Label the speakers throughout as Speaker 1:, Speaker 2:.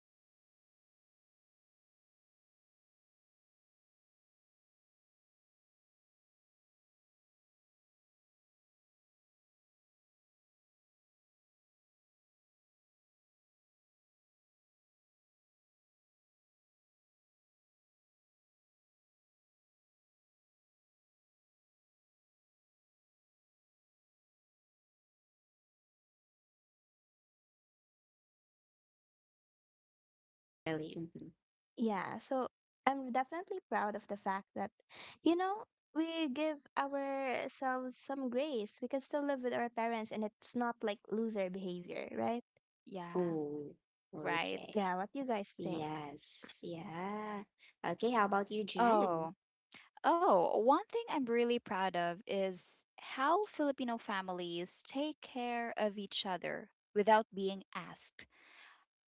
Speaker 1: me, I'm actually really proud of the fact that we're very community driven. You know,
Speaker 2: Mm,
Speaker 1: like
Speaker 2: yes.
Speaker 1: I like the fact that I don't have to worry about like where to live the moment I turn 18, you know? Like you
Speaker 2: Yes.
Speaker 1: hear it you hear it
Speaker 3: Mhm.
Speaker 1: so much from like the western families like, "Oh my gosh,
Speaker 2: Mm-mm.
Speaker 1: you're 18, you have to move out." And like
Speaker 2: Right?
Speaker 1: that's so
Speaker 2: Yeah.
Speaker 1: stressful. I'm 18
Speaker 3: Yeah.
Speaker 1: and like I
Speaker 3: Yeah.
Speaker 1: would I would not be able to live on my own, you know?
Speaker 2: Yes.
Speaker 3: Mhm.
Speaker 2: Yes, actually. Hmm.
Speaker 1: Yeah, so I'm definitely proud of the fact that you know, we give ourselves some grace. We can still live with our parents and it's not like loser behavior, right?
Speaker 3: Yeah.
Speaker 2: Oh,
Speaker 3: Right.
Speaker 2: okay.
Speaker 1: Yeah, what do you guys think?
Speaker 2: Yes. Yeah. Okay, how about you, Jen?
Speaker 3: Oh. Oh, one thing I'm really proud of is how Filipino families take care of each other without being asked.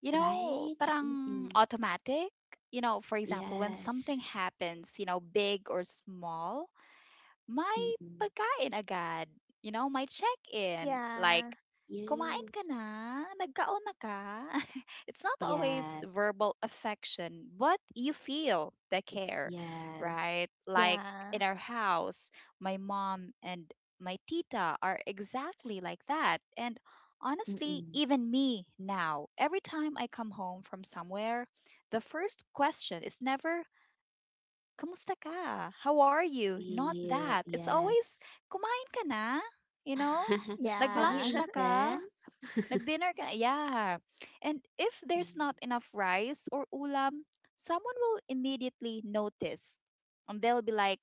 Speaker 3: You know,
Speaker 2: Right?
Speaker 3: parang
Speaker 2: Mm-mm.
Speaker 3: automatic. You know, for example, when
Speaker 2: Yes.
Speaker 3: something happens, you know, big or small, my
Speaker 2: Mm-mm.
Speaker 3: pagkain agad. You know, my check-in. Like,
Speaker 1: Yeah.
Speaker 3: kumain ka
Speaker 2: Yes.
Speaker 3: na? Nagkaon na ka? It's not always
Speaker 2: Yes.
Speaker 3: verbal affection, but you feel the care,
Speaker 2: Yes.
Speaker 3: right? Like in
Speaker 1: Yeah.
Speaker 3: our house, my mom and my tita are exactly like that. And honestly,
Speaker 2: Mm-mm.
Speaker 3: even me now, every time I come home from somewhere, the first question is never kamusta ka? How are you? Not
Speaker 2: Ew,
Speaker 3: that. It's always,
Speaker 2: yes.
Speaker 3: kumain ka na? You know?
Speaker 2: Have you
Speaker 1: Yeah.
Speaker 3: Nag-lunch na ka?
Speaker 2: eaten?
Speaker 3: Nag-dinner ka? Na? Yeah. And if there's not enough
Speaker 2: Yes.
Speaker 3: rice or ulam, someone will immediately notice. And they'll be like,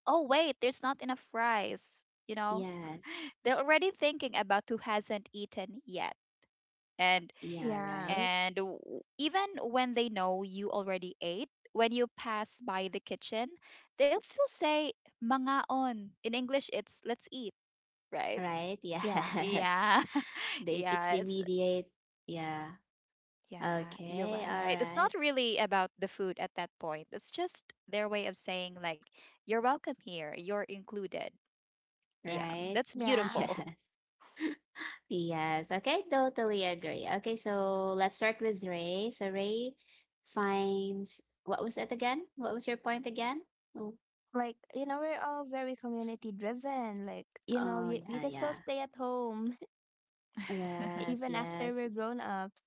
Speaker 3: oh, wait, there's not enough rice. You know?
Speaker 2: Yes.
Speaker 3: They're already thinking about who hasn't eaten yet. And
Speaker 2: Yeah,
Speaker 1: Yeah.
Speaker 2: right.
Speaker 3: and w- Even when they know you already ate, when you pass by the kitchen, they'll still say mangaon. In English, it's let's eat, right?
Speaker 2: Right.
Speaker 1: Yeah.
Speaker 2: Yes.
Speaker 3: Yeah.
Speaker 2: They it's
Speaker 3: yeah,
Speaker 2: the
Speaker 3: it's
Speaker 2: mediate. Yeah.
Speaker 3: yeah, you're
Speaker 2: Okay.
Speaker 3: right. It's
Speaker 2: All
Speaker 3: not
Speaker 2: right.
Speaker 3: really about the food at that point. It's just their way of saying like you're welcome here, you're included. Yeah,
Speaker 2: Right.
Speaker 3: that's
Speaker 1: Yeah.
Speaker 3: beautiful.
Speaker 2: Yes. Yes. Okay, totally agree. Okay, so let's start with Ray. So Ray finds what was it again? What was your point again? Oh,
Speaker 1: Like, you know, we're all very community driven, like, you know,
Speaker 2: oh
Speaker 1: you
Speaker 2: yeah,
Speaker 1: can still
Speaker 2: yeah.
Speaker 1: stay at home
Speaker 2: Yes,
Speaker 1: even after
Speaker 2: yes.
Speaker 1: we're grown ups.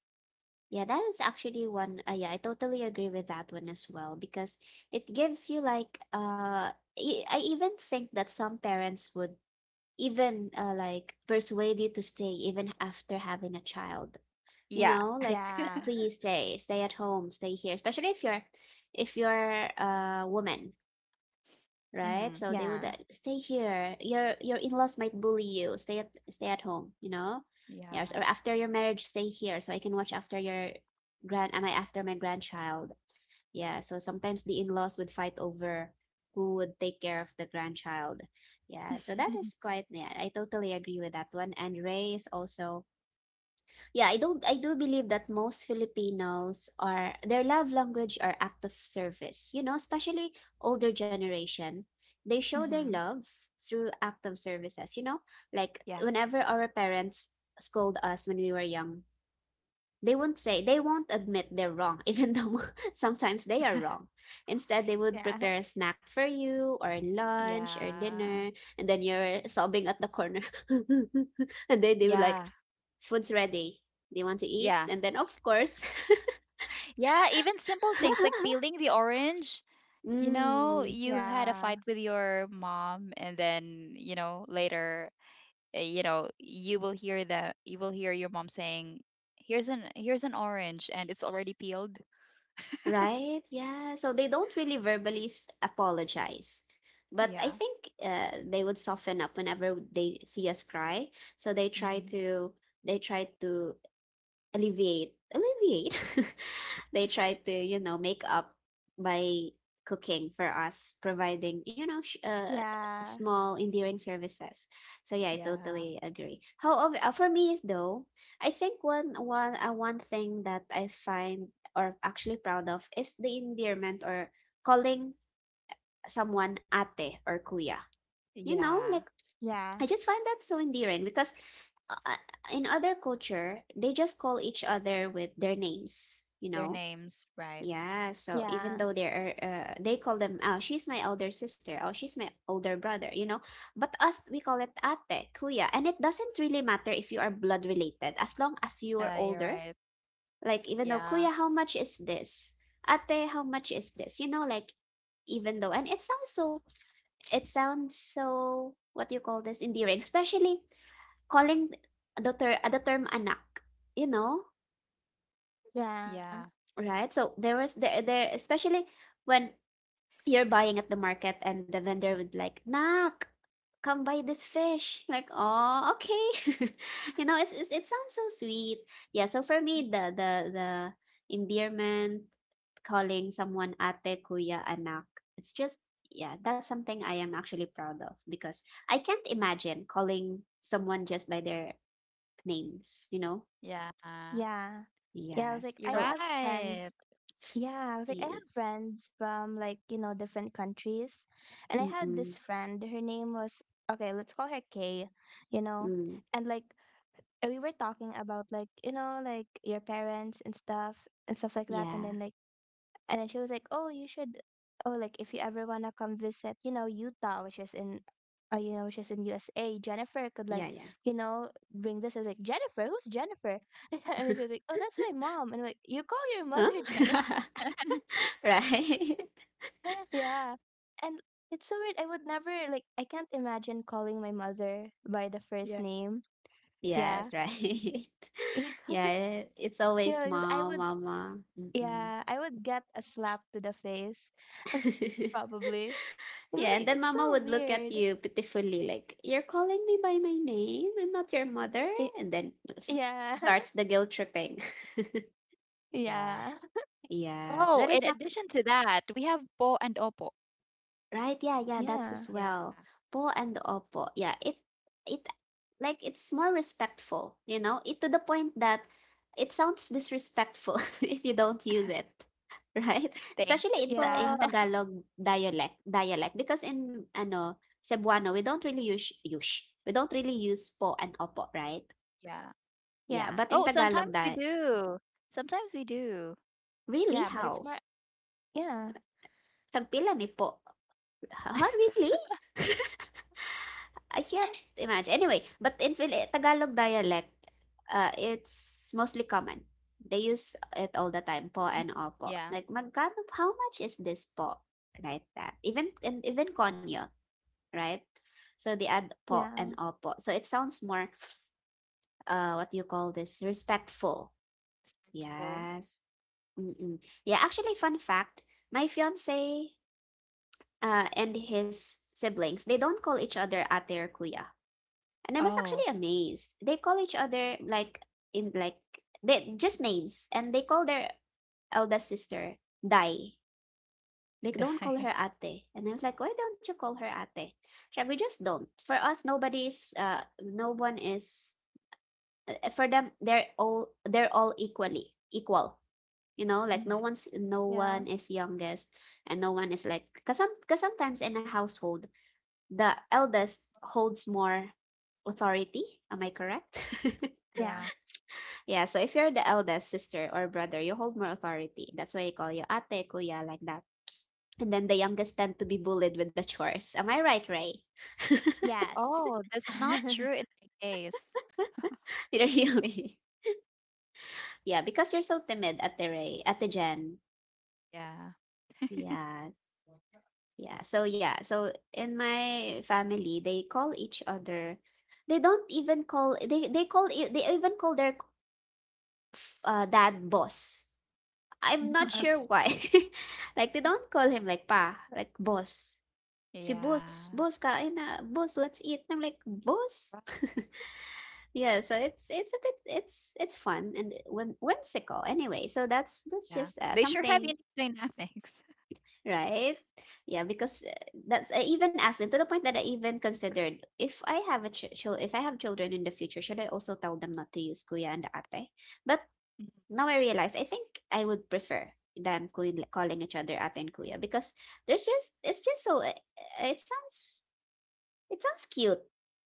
Speaker 2: Yeah, that is actually one. Yeah, I totally agree with that one as well because it gives you like I even think that some parents would even like persuade you to stay even after having a child. You
Speaker 3: Yeah.
Speaker 2: know, like
Speaker 1: Yeah,
Speaker 2: please stay at home, stay here. Especially if you're a woman, right?
Speaker 3: hmm
Speaker 2: So they would
Speaker 1: yeah,
Speaker 2: stay here. Your in-laws might bully you. Stay at home, you know?
Speaker 3: Yeah.
Speaker 2: Yes, or after your marriage, stay here so I can watch after your grand am I after my grandchild. Yeah, so sometimes the in-laws would fight over who would take care of the grandchild. Yeah, so that is quite yeah, I totally agree with that one. And Ray is also yeah, I do believe that most Filipinos are their love language are act of service. You know, especially older generation, they show their
Speaker 3: hmm
Speaker 2: love through act of services, you know? Like
Speaker 3: Yeah.
Speaker 2: whenever our parents scold us when we were young, they won't admit they're wrong, even though sometimes they are wrong. Instead, they would
Speaker 1: yeah.
Speaker 2: prepare a snack for you, or lunch, or
Speaker 3: Yeah.
Speaker 2: dinner, and then you're sobbing at the corner. And then they would like,
Speaker 3: Yeah.
Speaker 2: food's ready. Do you want to eat?
Speaker 3: Yeah.
Speaker 2: And then, of course,
Speaker 3: Yeah, even simple things like peeling the orange. You know,
Speaker 2: Mm,
Speaker 3: you had a fight
Speaker 1: Yeah,
Speaker 3: with your mom and then, you know, later, you know, you will hear your mom saying, "Here's an orange and it's already peeled."
Speaker 2: right? Yeah. So they don't really verbally apologize. But I
Speaker 3: Yeah.
Speaker 2: think they would soften up whenever they see us cry. So
Speaker 3: hmm
Speaker 2: they try to alleviate they try to, you know, make up by cooking for us, providing, you know,
Speaker 1: yeah,
Speaker 2: small endearing services. So yeah, I
Speaker 3: Yeah.
Speaker 2: totally agree. However, for me though, I think one thing that I find or actually proud of is the endearment or calling someone ate or kuya, you know,
Speaker 3: Yeah.
Speaker 2: like
Speaker 1: yeah,
Speaker 2: I just find that so endearing because uh, in other culture, they just call each other with their names, you
Speaker 3: Their
Speaker 2: know?
Speaker 3: names, right?
Speaker 2: Yeah, so even
Speaker 1: yeah,
Speaker 2: though they are, they call them, oh, she's my elder sister, oh, she's my older brother, you know? But us, we call it ate, kuya. And it doesn't really matter if you are blood related, as long as you are
Speaker 3: You're
Speaker 2: older.
Speaker 3: right.
Speaker 2: Like, even though,
Speaker 3: Yeah.
Speaker 2: kuya, how much is this? Ate, how much is this? You know, like, even though, and it sounds so, what do you call this, endearing, especially calling the term anak, you know,
Speaker 1: yeah,
Speaker 3: Yeah.
Speaker 2: right? So there was there there especially when you're buying at the market, and the vendor would like nak, come buy this fish like oh okay you know, it's, it sounds so sweet. Yeah, so for
Speaker 3: Mm.
Speaker 2: me, the endearment calling someone ate, kuya, anak, it's just yeah, that's something I am actually proud of because I can't imagine calling someone just by their names, you know.
Speaker 3: Yeah.
Speaker 1: yeah, yeah. I was
Speaker 2: Yes.
Speaker 1: like I
Speaker 3: You're
Speaker 2: So
Speaker 1: have
Speaker 3: right.
Speaker 1: friends yeah, I was like I
Speaker 2: yeah.
Speaker 1: have friends from, like, you know, different countries. And I had
Speaker 2: Mm-mm.
Speaker 1: this friend, her name was okay, let's call her Kay, you know.
Speaker 2: Mm.
Speaker 1: And, like, we were talking about, like, you know, like, your parents and stuff, and stuff like that. And
Speaker 2: Yeah.
Speaker 1: then, like, and then she was like, oh you should oh, like, if you ever want to come visit, you know, Utah, which is in you know which is in USA, Jennifer could, like,
Speaker 2: Yeah, yeah.
Speaker 1: you know, bring this. I was like, Jennifer? Who's Jennifer? And then she was like, oh, that's my mom. And I'm like, you call your
Speaker 2: Huh?
Speaker 1: mother Jennifer?
Speaker 2: Right.
Speaker 1: Yeah. And it's so weird, I would never like, I can't imagine calling my mother by the first
Speaker 3: Yeah.
Speaker 1: name. Yeah.
Speaker 2: Yes, right.
Speaker 1: Yeah,
Speaker 2: Yeah, it's always
Speaker 1: because I
Speaker 2: mom,
Speaker 1: would
Speaker 2: mama. Mm-mm.
Speaker 1: yeah, I would get a slap to the face, probably. You know,
Speaker 2: Yeah, and then
Speaker 1: like, it's so
Speaker 2: mama would look at
Speaker 1: weird.
Speaker 2: you pitifully, like, You're calling me by my name? I'm not your mother.
Speaker 1: It,
Speaker 2: And then
Speaker 1: yeah.
Speaker 2: starts the guilt tripping.
Speaker 3: Yeah.
Speaker 1: Yeah,
Speaker 2: Yes,
Speaker 3: Oh,
Speaker 2: but
Speaker 3: in addition to that, we have po and opo.
Speaker 2: Right, yeah, yeah, that as
Speaker 1: yeah,
Speaker 3: Yeah.
Speaker 2: well. Po and opo. Yeah, it like it's more respectful, you know? It to the point that it sounds disrespectful if you don't use it, right?
Speaker 3: Thank you
Speaker 2: Especially in
Speaker 3: for
Speaker 1: yeah,
Speaker 2: in Tagalog dialect because in ano Cebuano we don't really use. We don't really use po and opo, right?
Speaker 3: yeah.
Speaker 2: Yeah,
Speaker 1: yeah,
Speaker 2: but in
Speaker 3: Oh,
Speaker 2: Tagalog
Speaker 3: sometimes we
Speaker 2: that
Speaker 3: do. Sometimes we do.
Speaker 2: really
Speaker 1: yeah. But it's
Speaker 2: how?
Speaker 1: more, yeah,
Speaker 2: Tagpila ni po. Ha, really? I can't imagine. Anyway, but in Tagalog dialect, it's mostly common. They use it all the
Speaker 3: Yeah.
Speaker 2: time, po and opo. Like, magkano, how much is this po? Right, that. Even, and even konyo, right? So they add po and
Speaker 1: yeah,
Speaker 2: opo.
Speaker 3: Yeah.
Speaker 2: So it sounds more, what do you call this? Respectful.
Speaker 3: Respectful.
Speaker 2: Yes. Mm-mm. Yeah, actually, fun fact, my fiance, and his siblings, they don't call each other ate or kuya. And I was
Speaker 3: Oh,
Speaker 2: actually amazed. They call each other like in like they just names, and they call their eldest sister Dai. Like don't call
Speaker 3: die.
Speaker 2: her Ate. And I was like, why don't you call her Ate? She's like, we just don't. For us, nobody's no one is. For them, they're all equally equal. You know, like
Speaker 3: Mhm.
Speaker 2: no
Speaker 1: yeah,
Speaker 2: one is youngest, and no one is like because some, cause sometimes in a household the eldest holds more authority. Am I correct?
Speaker 1: yeah.
Speaker 3: Yeah.
Speaker 2: Yeah, so if you're the eldest sister or brother, you hold more authority. That's why they call you ate, kuya, like that. And then the youngest tend to be bullied with the chores. Am I right, Ray?
Speaker 1: Yes.
Speaker 3: Oh, that's not true in my case.
Speaker 2: Really? Yeah, because you're so timid, ate Ray, ate Jen.
Speaker 3: Yeah.
Speaker 2: Yes. Yeah. So yeah, so in my family, they call each other. They don't even call they call e, they even call their dad boss. I'm not sure
Speaker 1: Yes.
Speaker 2: why. Like they don't call him like pa, like boss. Si boss,
Speaker 3: Yeah.
Speaker 2: "Boss, kain na. Boss, let's eat." And I'm like, "Boss?"
Speaker 3: Wow.
Speaker 2: Yeah, so it's a bit it's fun and whimsical anyway. So that's
Speaker 3: Yeah.
Speaker 2: just
Speaker 3: They sure have
Speaker 2: something,
Speaker 3: unique dynamics.
Speaker 2: right? Yeah, because that's I even asked them to the point that I even considered if I have a ch- chil- if I have children in the future, should I also tell them not to use kuya and ate? But
Speaker 3: Mhm.
Speaker 2: now I realize I think I would prefer them calling each other ate and kuya because there's just it's just so it sounds. It sounds cute,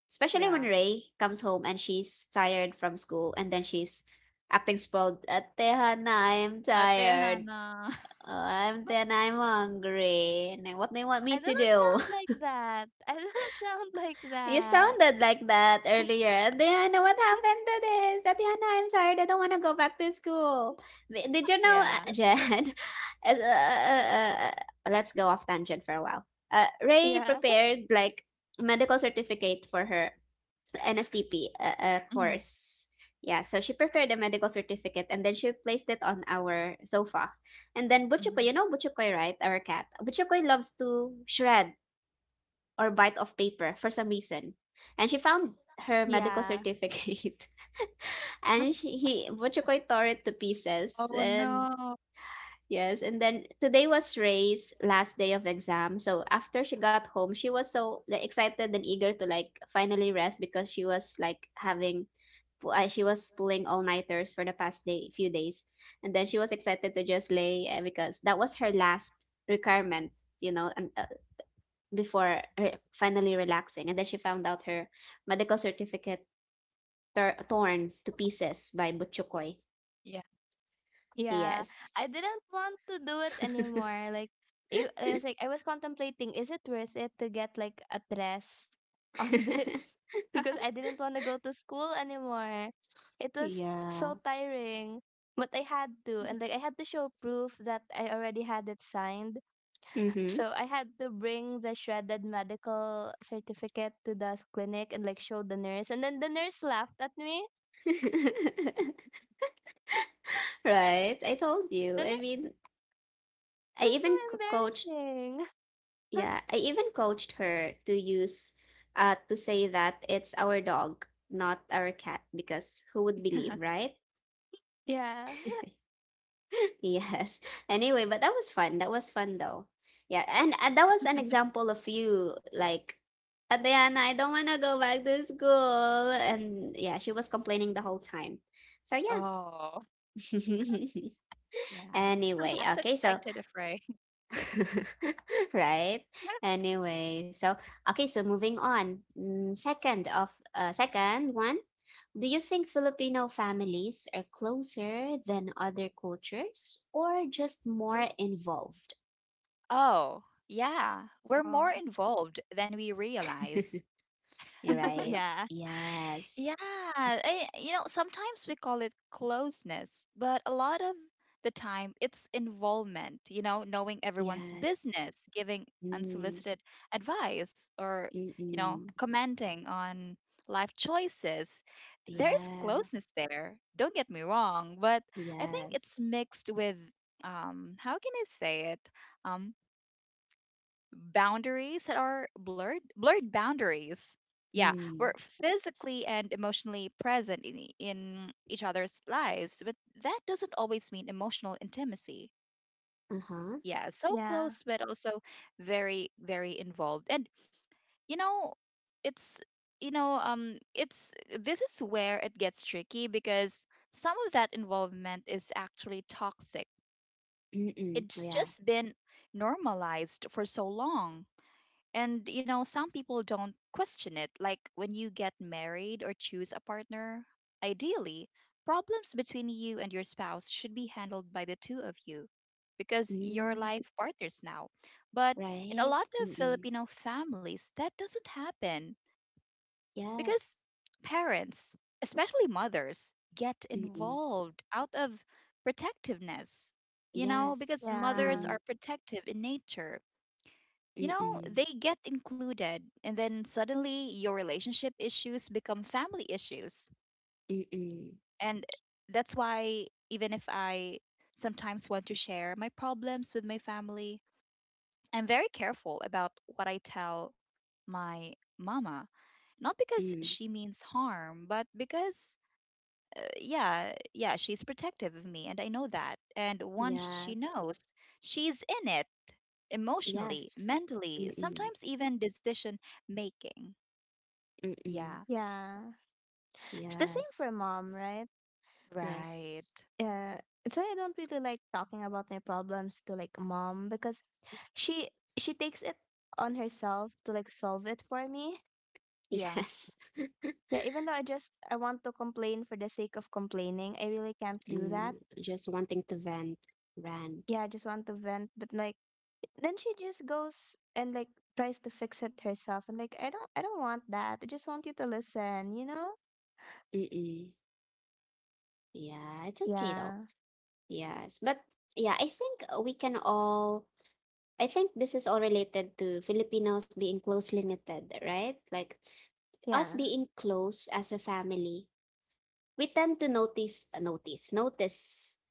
Speaker 2: especially when
Speaker 3: Yeah.
Speaker 2: Ray comes home and she's tired from school and then she's acting spoiled. Ate Hana, I'm
Speaker 3: Ate
Speaker 2: tired.
Speaker 3: Hannah.
Speaker 2: Oh, I'm hungry. And then what do you want
Speaker 1: I
Speaker 2: me
Speaker 1: do
Speaker 2: to
Speaker 1: not
Speaker 2: do?
Speaker 1: sound like that. I do not sound like
Speaker 2: You
Speaker 1: that.
Speaker 2: sounded like that earlier. Ate Hana, what happened to this? Ate Hana, I'm tired. I don't want to go back to school. Did you know,
Speaker 3: Yeah.
Speaker 2: Jen? uh, uh, uh, uh, let's go off tangent for a while. Ray
Speaker 1: Yeah,
Speaker 2: prepared like medical certificate for her NSTP
Speaker 3: hmm
Speaker 2: course. Yeah, so she prepared a medical certificate and then she placed it on our sofa. And then Butchukoy,
Speaker 3: hmm
Speaker 2: you know Butchukoy, right? Our cat. Butchukoy loves to shred or bite off paper for some reason. And she found her
Speaker 1: yeah.
Speaker 2: medical certificate and she, he Butchukoy tore it to
Speaker 3: Oh
Speaker 2: pieces
Speaker 3: no.
Speaker 2: and Yes, and then today was Ray's last day of exam. So after she got home, she was so like, excited and eager to like finally rest because she was like having she was pulling all nighters for the past day few days, and then she was excited to just lay because that was her last requirement, you know, and, before her finally relaxing. And then she found out her medical certificate torn to pieces by Butchukoy.
Speaker 3: Yeah.
Speaker 1: Yeah, I
Speaker 2: Yes.
Speaker 1: didn't want to do it anymore. Like, I was like, I was contemplating, is it worth it to get like a dress on this? Because I didn't want to go to school anymore. It was
Speaker 2: Yeah.
Speaker 1: so tiring, but I had to, and like I had to show proof that I already had it signed.
Speaker 2: Mm-hmm.
Speaker 1: So I had to bring the shredded medical certificate to the clinic and, like, show the nurse, and then the nurse laughed at me.
Speaker 2: Right. I told you.
Speaker 1: The
Speaker 2: I
Speaker 1: nurse
Speaker 2: mean,
Speaker 1: It
Speaker 2: I even co-
Speaker 1: was so
Speaker 2: coached
Speaker 1: embarrassing.
Speaker 2: Yeah, I even coached her to use to say that it's our dog, not our cat, because who would believe, right?
Speaker 1: Yeah.
Speaker 2: Yes. Anyway, but that was fun. That was fun though. Yeah, and that was an example of you like Adriana, I don't want to go back to school. And yeah, she was complaining the whole time. So
Speaker 3: Oh.
Speaker 2: yeah.
Speaker 3: Yeah.
Speaker 2: anyway,
Speaker 3: As
Speaker 2: okay, so
Speaker 3: expected, afraid.
Speaker 2: right? Anyway, so moving on. Second one, do you think Filipino families are closer than other cultures or just more involved?
Speaker 3: Oh, yeah. We're more
Speaker 1: Oh.
Speaker 3: involved than we realize.
Speaker 2: You're right.
Speaker 1: Yeah.
Speaker 2: Yes.
Speaker 3: Yeah, I, you know, sometimes we call it closeness, but a lot of the time it's involvement, you know, knowing everyone's
Speaker 2: Yes.
Speaker 3: business, giving
Speaker 2: Mm,
Speaker 3: unsolicited advice, or, you know,
Speaker 2: mm-mm.
Speaker 3: commenting on life choices. There is
Speaker 2: Yeah.
Speaker 3: closeness there, don't get me wrong, but I think it's
Speaker 2: Yes.
Speaker 3: mixed with, how can I say it? Um. Boundaries that are blurred boundaries, yeah, we're
Speaker 2: Mm.
Speaker 3: physically and emotionally present in, in each other's lives, but that doesn't always mean emotional intimacy,
Speaker 2: Uh-huh.
Speaker 3: yeah, so
Speaker 1: Yeah.
Speaker 3: close but also very very involved. And you know it's you know it's this is where it gets tricky because some of that involvement is actually toxic.
Speaker 2: Mm-mm.
Speaker 3: It's
Speaker 2: Yeah.
Speaker 3: just been normalized for so long. And you know, some people don't question it. Like when you get married or choose a partner, ideally, problems between you and your spouse should be handled by the two of you because you're
Speaker 2: Mm.
Speaker 3: life partners now. But in a
Speaker 2: Right.
Speaker 3: lot of
Speaker 2: Mm-mm.
Speaker 3: Filipino families, that doesn't happen
Speaker 2: Yes.
Speaker 3: because parents, especially mothers, get
Speaker 2: Mm-mm.
Speaker 3: involved out of protectiveness. You know,
Speaker 2: Yes.
Speaker 3: because mothers
Speaker 1: Yeah.
Speaker 2: Mm,
Speaker 3: are protective in nature, you know,
Speaker 2: mm-mm,
Speaker 3: they get included, and then suddenly your relationship issues become family issues.
Speaker 2: mm-mm,
Speaker 3: And that's why, even if I sometimes want to share my problems with my family, I'm very careful about what I tell my mama. Not because
Speaker 2: mm.
Speaker 3: she means harm, but because yeah, she's protective of me, and I know that. And once she
Speaker 2: Yes.
Speaker 3: knows, she's in it emotionally,
Speaker 2: Yes.
Speaker 3: mentally,
Speaker 2: Mm-mm,
Speaker 3: sometimes even decision making.
Speaker 2: mm-mm.
Speaker 3: Yeah.
Speaker 1: Yeah. It's the same
Speaker 2: Yes.
Speaker 1: for mom, right?
Speaker 2: Yes.
Speaker 3: Right.
Speaker 1: Yeah. It's why I don't really like talking about my problems to, like, mom, because she she takes it on herself to, like, solve it for me.
Speaker 3: Yeah,
Speaker 2: Yes.
Speaker 1: Yeah, even though I want to complain for the sake of complaining, I really can't do that.
Speaker 2: Mm, just wanting to vent, rant.
Speaker 1: Yeah, I just want to vent, but, like, then she just goes and, like, tries to fix it herself, and, like, I don't want that. I just want you to listen, you know?
Speaker 2: Mm-mm. Yeah, it's okay though.
Speaker 1: Yeah.
Speaker 2: Yes. But yeah, I think this is all related to Filipinos being closely knitted, right? Like us
Speaker 1: Yeah.
Speaker 2: being close as a family, we tend to notice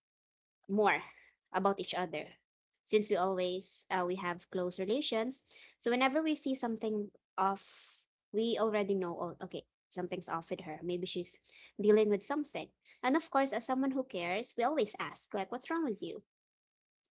Speaker 2: more about each other, since we always we have close relations. So whenever we see something off, we already know, oh, okay, something's off with her, maybe she's dealing with something. And of course, as someone who cares, we always ask like, what's wrong with you?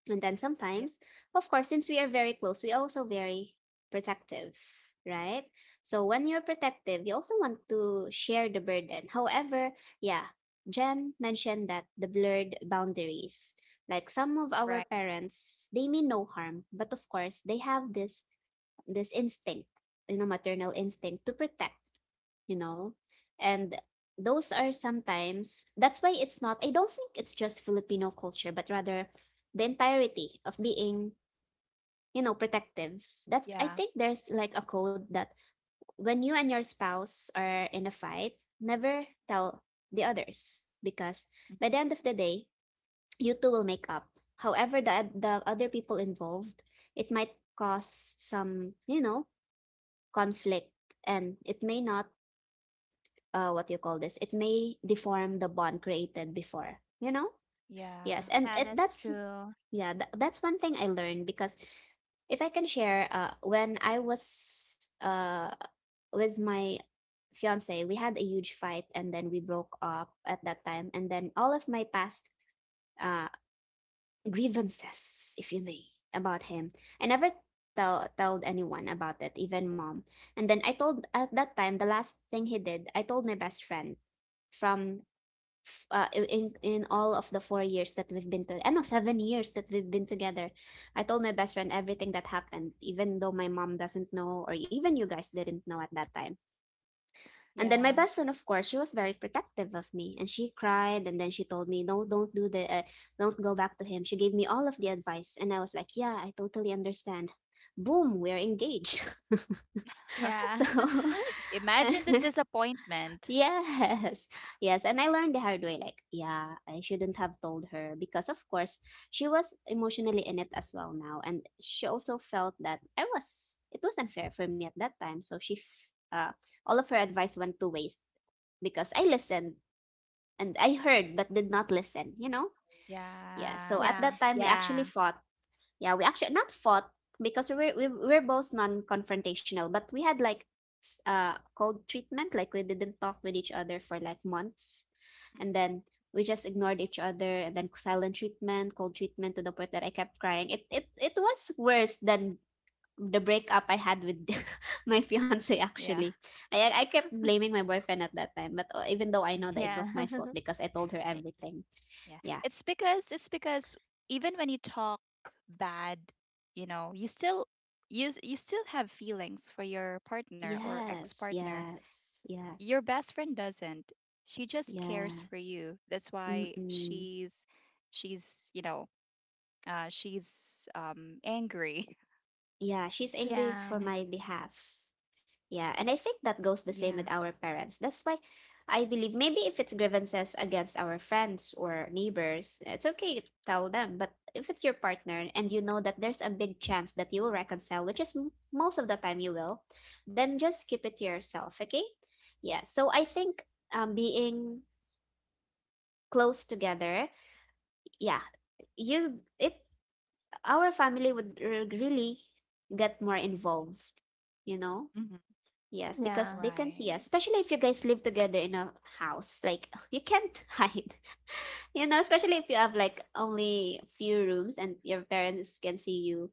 Speaker 2: And then
Speaker 3: yeah.
Speaker 2: sometimes, of course, since we are very close, we also very protective, right? So when you're protective, you also want to share the burden. However, yeah, Jen mentioned that the blurred boundaries. Like some of our
Speaker 3: Right.
Speaker 2: parents, they mean no harm, but of course, they have this instinct, you know, maternal instinct to protect, you know? And those are sometimes, that's why it's not, I don't think it's just Filipino culture, but rather the entirety of being, you know, protective. That's, I
Speaker 3: Yeah.
Speaker 2: think there's like a code that when you and your spouse are in a fight, never tell the others, because
Speaker 3: Mm.
Speaker 2: by the end of the day, you two will make up. However, the other people involved, it might cause some, you know, conflict, and it may not what do you call this, it may deform the bond created before, you know? Yes,
Speaker 3: Yeah.
Speaker 2: and
Speaker 1: Yeah,
Speaker 2: it
Speaker 1: that's
Speaker 2: that's
Speaker 1: true.
Speaker 2: yeah, that's one thing I learned. Because if I can share, when I was with my fiance, we had a huge fight and then we broke up at that time, and then all of my past uh, grievances, if you may, about him, I never tell told anyone about it, even Mom. And then I told, at that time, the last thing he did, I told my best friend from in all of the 4 years that we've been to, I know, 7 years that we've been together. I told my best friend everything that happened, even though my mom doesn't know, or even you guys didn't know at that time. And then my
Speaker 3: Yeah.
Speaker 2: best friend, of course, she was very protective of me, and she cried, and then she told me, "No, don't do the, don't go back to him." She gave me all of the advice, and I was like, "Yeah, I totally understand." Boom, we're engaged. so
Speaker 1: Yeah.
Speaker 3: Imagine the disappointment.
Speaker 2: Yes, yes. And I learned the hard way, like, yeah, I shouldn't have told her because, of course, she was emotionally in it as well now. And she also felt that it was unfair for me at that time. So she, all of her advice went to waste because I listened and I heard, but did not listen, you know? Yeah.
Speaker 3: Yeah.
Speaker 2: So at
Speaker 1: Yeah.
Speaker 2: that time, we actually
Speaker 3: Yeah,
Speaker 2: fought, yeah we actually not fought, because we were, we're both non-confrontational, but we had like cold treatment, like we didn't talk with each other for like months, and then we just ignored each other, and then silent treatment, cold treatment, to the point that I kept crying. It was worse than the breakup I had with my fiance,
Speaker 3: yeah.
Speaker 2: actually. I kept blaming my boyfriend at that time, but even though I know that it
Speaker 3: hmm
Speaker 1: Yeah.
Speaker 2: was my fault, because I told her everything.
Speaker 3: Yeah.
Speaker 2: Yeah.
Speaker 3: It's because even when you talk bad, you know, you still have feelings for your partner or
Speaker 2: Yes,
Speaker 3: ex-partner.
Speaker 2: yes, yes,
Speaker 3: Your best friend doesn't. She just cares
Speaker 2: yes.
Speaker 3: for you. That's why
Speaker 2: Mm-mm.
Speaker 3: you know, she's angry.
Speaker 2: Yeah, she's angry
Speaker 1: Yeah.
Speaker 2: for my behalf. Yeah, and I think that goes the
Speaker 3: Yeah.
Speaker 2: same with our parents. That's why I believe maybe if it's grievances against our friends or neighbors, it's okay to tell them. But if it's your partner, and you know that there's a big chance that you will reconcile, which is most of the time you will, then just keep it to yourself, okay? Yeah, so I think being close together, yeah, you it our family would really get more involved, you know?
Speaker 3: hmm
Speaker 2: Yes, because
Speaker 1: Yeah.
Speaker 2: they can see
Speaker 3: Right.
Speaker 2: us, especially if you guys live together in a house. Like, you can't hide, you know, especially if you have like only few rooms, and your parents can see you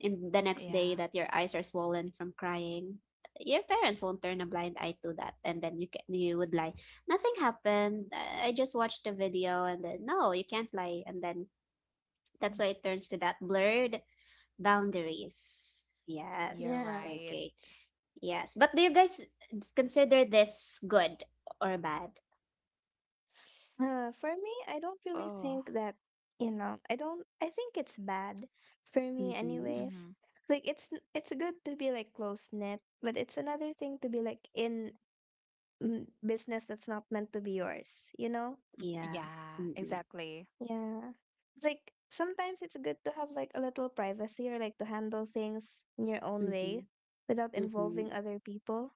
Speaker 2: in the next
Speaker 3: Yeah.
Speaker 2: day that your eyes are swollen from crying. Your parents won't turn a blind eye to that, and then you would lie. Nothing happened. I just watched the video, and then no, you can't lie, and then
Speaker 3: hmm
Speaker 2: that's why it turns to that blurred. Boundaries.
Speaker 3: You're
Speaker 2: Yes.
Speaker 1: Yeah.
Speaker 3: right.
Speaker 2: Okay. Yes. But do you guys consider this good or bad?
Speaker 1: For me, I don't really
Speaker 3: Oh.
Speaker 1: think that, you know, I don't, I think it's bad for me,
Speaker 2: Mm-hmm.
Speaker 1: anyways.
Speaker 3: hmm
Speaker 1: Like, it's good to be, like, close knit, but it's another thing to be, like, in business that's not meant to be yours, you know?
Speaker 2: Yeah.
Speaker 3: Yeah,
Speaker 2: Mm-mm.
Speaker 3: exactly.
Speaker 1: Yeah. It's like, sometimes it's good to have, like, a little privacy, or, like, to handle things in your own
Speaker 2: Mm-hmm.
Speaker 1: way without
Speaker 3: Mm-hmm.
Speaker 2: Mm-hmm.
Speaker 1: involving other people.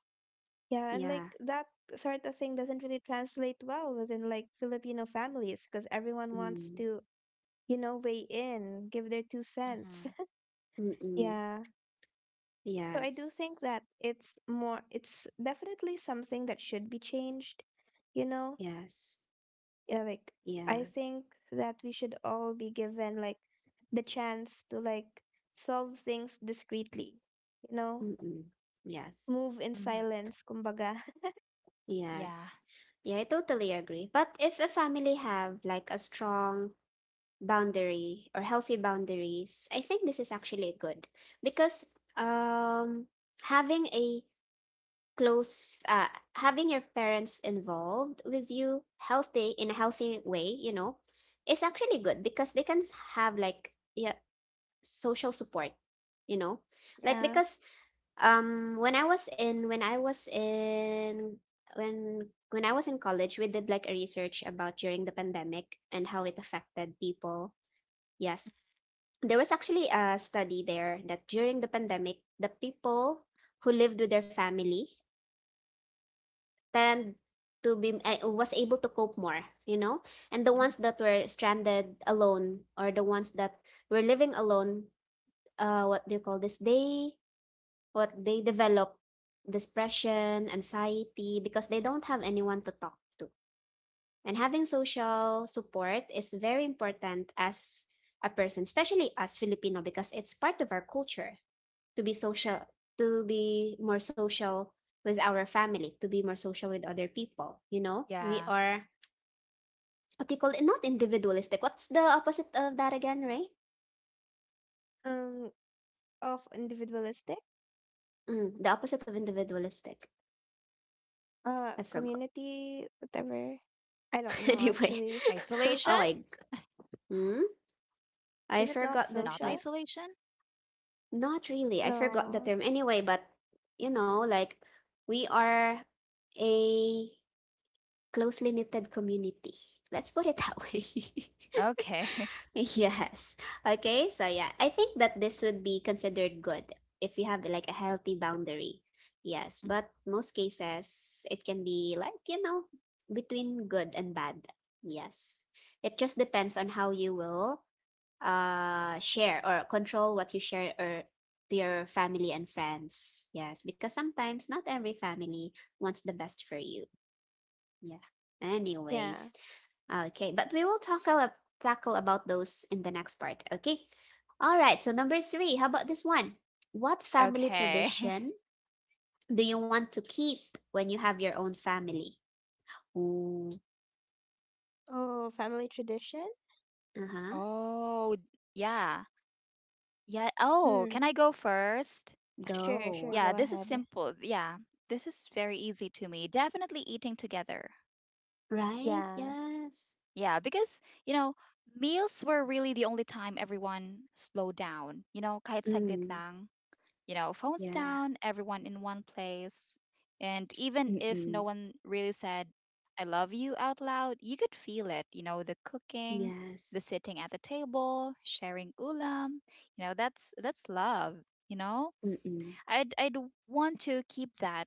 Speaker 1: Yeah, and,
Speaker 2: Yeah.
Speaker 1: like, that sort of thing doesn't really translate well within, like, Filipino families, because everyone wants
Speaker 2: Mm.
Speaker 1: to, weigh in, give their two cents.
Speaker 3: Mm-hmm.
Speaker 2: Mm-mm.
Speaker 1: Yeah. So, I do
Speaker 2: Yes.
Speaker 1: think that it's definitely something that should be changed, you know?
Speaker 2: Yes.
Speaker 1: Yeah, like, I
Speaker 2: Yeah.
Speaker 1: think that we should all be given, like, the chance to, like, solve things discreetly, you know?
Speaker 2: Mm-mm. Yes.
Speaker 1: Move in
Speaker 3: Mm-hmm.
Speaker 1: silence, kumbaga.
Speaker 3: Yeah.
Speaker 2: Yes. Yeah, I totally agree. But if a family have like a strong boundary or healthy boundaries, I think this is actually good, because um, having a close, having your parents involved with you healthy in a healthy way, you know, is actually good because they can have like yeah social support, you know, like
Speaker 1: Yeah.
Speaker 2: because when I was in when I was in college, we did like a research about during the pandemic and how it affected people. Yes. There was actually a study there that during the pandemic, the people who lived with their family tend to be was able to cope more, you know? And the ones
Speaker 3: Mhm.
Speaker 2: that were stranded alone, or the ones that were living alone, what do you call this? They What they develop, depression, anxiety, because they don't have anyone to talk to. And having social support is very important as a person, especially as Filipino, because it's part of our culture. To be social, to be more social with our family, to be more social with other people, you know,
Speaker 3: Yeah.
Speaker 2: we are, what do you call it, not individualistic, what's the opposite of that again, Ray?
Speaker 1: Um, of individualistic,
Speaker 2: Mm, the opposite of individualistic, I forgot.
Speaker 1: community, whatever. I don't know,
Speaker 2: anyway
Speaker 1: actually. Social?
Speaker 2: oh
Speaker 3: Isolation?
Speaker 2: my g- hmm? I
Speaker 1: Is it not
Speaker 2: forgot the term.
Speaker 3: Not
Speaker 1: social?
Speaker 3: isolation?
Speaker 2: Not really, I forgot the
Speaker 1: No,
Speaker 2: term anyway, but you know, like, we are a closely knitted community, let's put it that way.
Speaker 3: Okay.
Speaker 2: Yes. Okay. So yeah, I think that this would be considered good if you have like a healthy boundary. Yes, but
Speaker 3: Mm.
Speaker 2: most cases it can be like, you know, between good and bad. Yes. It just depends on how you will share or control what you share or to your family and friends. Yes, because sometimes not every family wants the best for you. Yeah.
Speaker 1: yeah.
Speaker 2: Anyways, okay, but we will talk a tackle about those in the next part. Okay. All right. So number three, how about this one?
Speaker 3: Okay.
Speaker 2: What family tradition do you want to keep when you have your own family? Ooh.
Speaker 1: Oh, family tradition?
Speaker 2: Uh
Speaker 3: Oh,
Speaker 2: huh.
Speaker 3: yeah. Yeah. Oh, can I go
Speaker 1: Hmm.
Speaker 3: first? Yeah,
Speaker 1: Sure,
Speaker 3: this is
Speaker 1: sure,
Speaker 2: Go.
Speaker 1: go
Speaker 3: simple.
Speaker 1: ahead.
Speaker 3: Yeah, this is very easy to me. Definitely eating together.
Speaker 2: Right.
Speaker 1: Yeah,
Speaker 2: Yes.
Speaker 3: Yeah, because, you know, meals were really the only time everyone slowed down. You know, kahit saglit
Speaker 2: Mm.
Speaker 3: lang, you know, phones
Speaker 2: Yeah.
Speaker 3: down, everyone in one place. And even if no
Speaker 2: Mm-mm.
Speaker 3: one really said, I love you out loud, you could feel it, you know, the cooking, the
Speaker 2: Yes.
Speaker 3: sitting at the table, sharing ulam, you know, that's love, you know?
Speaker 2: Mm-mm.
Speaker 3: I'd want to keep that,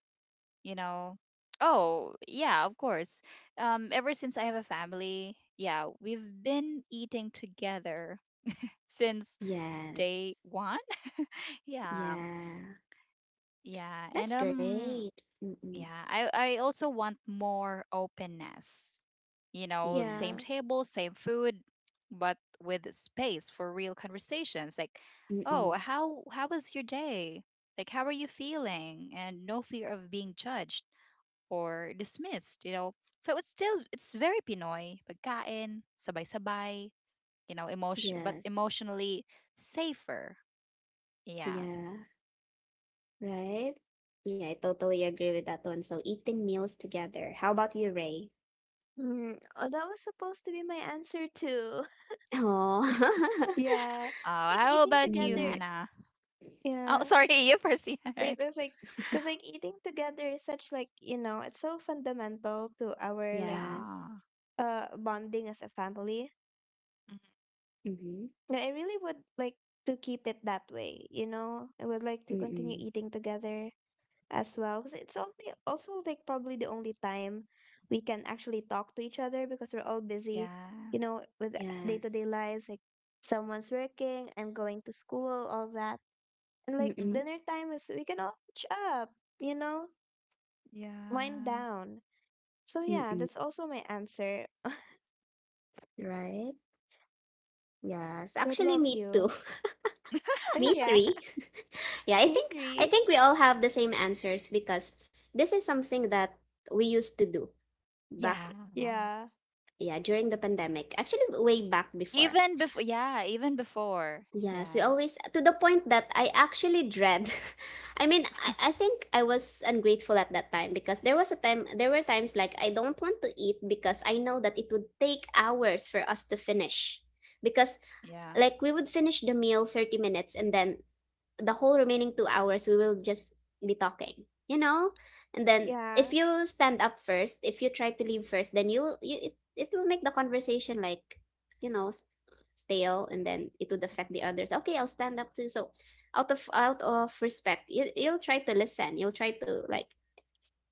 Speaker 3: you know. Oh, yeah, of course. Ever since I have a family, yeah, we've been eating together since day
Speaker 2: Yes.
Speaker 3: one. Yeah,
Speaker 2: Yeah.
Speaker 3: yeah, and
Speaker 2: That's great. Mm-mm.
Speaker 3: yeah, I also want more openness. You know, same
Speaker 1: yeah.
Speaker 2: Yes.
Speaker 3: table, same food, but with space for real conversations. Like, oh,
Speaker 2: Mm-mm.
Speaker 3: how was your day? Like, how are you feeling? And no fear of being judged or dismissed, you know. So it's still it's very Pinoy, pagkain, sabay-sabay, you know,
Speaker 2: Yes.
Speaker 3: emotionally safer. Yeah.
Speaker 2: Yeah, right? Yeah, I totally agree with that one. So eating meals together. How about you, Ray?
Speaker 1: Hmm. Oh, that was supposed to be my answer too.
Speaker 2: Oh,
Speaker 1: Yeah. It's like,
Speaker 3: How
Speaker 1: eating
Speaker 3: about you,
Speaker 1: together.
Speaker 2: mm,
Speaker 3: Hannah? Oh,
Speaker 1: Yeah.
Speaker 3: sorry, you first.
Speaker 1: Wait, that's, like, because, like, eating together is such, like, you know, it's so fundamental to our, like,
Speaker 2: yes.
Speaker 3: Yeah.
Speaker 1: bonding as a family.
Speaker 3: Mhm.
Speaker 2: Mm-hmm.
Speaker 1: And I really would like to keep it that way, you know? I would like to continue
Speaker 2: Mm-mm.
Speaker 1: eating together as well, because it's only also, like, probably the only time we can actually talk to each other, because we're all busy,
Speaker 3: Yeah.
Speaker 1: you know, with
Speaker 2: Yes.
Speaker 1: day-to-day lives. Like, someone's working, I'm going to school, all that, and, like,
Speaker 3: Mhm.
Speaker 2: Mm-mm.
Speaker 1: dinner time is, we can all catch up, you know, wind
Speaker 3: Yeah.
Speaker 1: down. So, yeah,
Speaker 2: Mm-mm.
Speaker 1: that's also my answer.
Speaker 2: Right? Yes.
Speaker 1: What
Speaker 2: Actually,
Speaker 1: about
Speaker 2: me
Speaker 1: you?
Speaker 2: too. Me
Speaker 1: Yeah.
Speaker 2: three. Yeah,
Speaker 1: Me
Speaker 2: I
Speaker 1: three.
Speaker 2: think we all have the same answers because this is something that we used to do back,
Speaker 3: Yeah.
Speaker 1: Yeah,
Speaker 2: yeah, during the pandemic. Actually, way back before.
Speaker 3: Even before, yeah, even before.
Speaker 2: Yes, we
Speaker 3: Yeah.
Speaker 2: always, to the point that I actually dread. I mean, I think I was ungrateful at that time, because there was a time there were times like I don't want to eat because I know that it would take hours for us to finish. Because,
Speaker 3: Yeah.
Speaker 2: like, we would finish the meal 30 minutes, and then the whole remaining 2 hours we will just be talking, you know. And then
Speaker 1: yeah.
Speaker 2: if you stand up first, if you try to leave first, then you will you it, it will make the conversation like, you know s- stale. And then it would
Speaker 3: Mhm.
Speaker 2: affect the others. Okay, I'll stand up too. So out of respect, you'll try to listen, you'll try to like,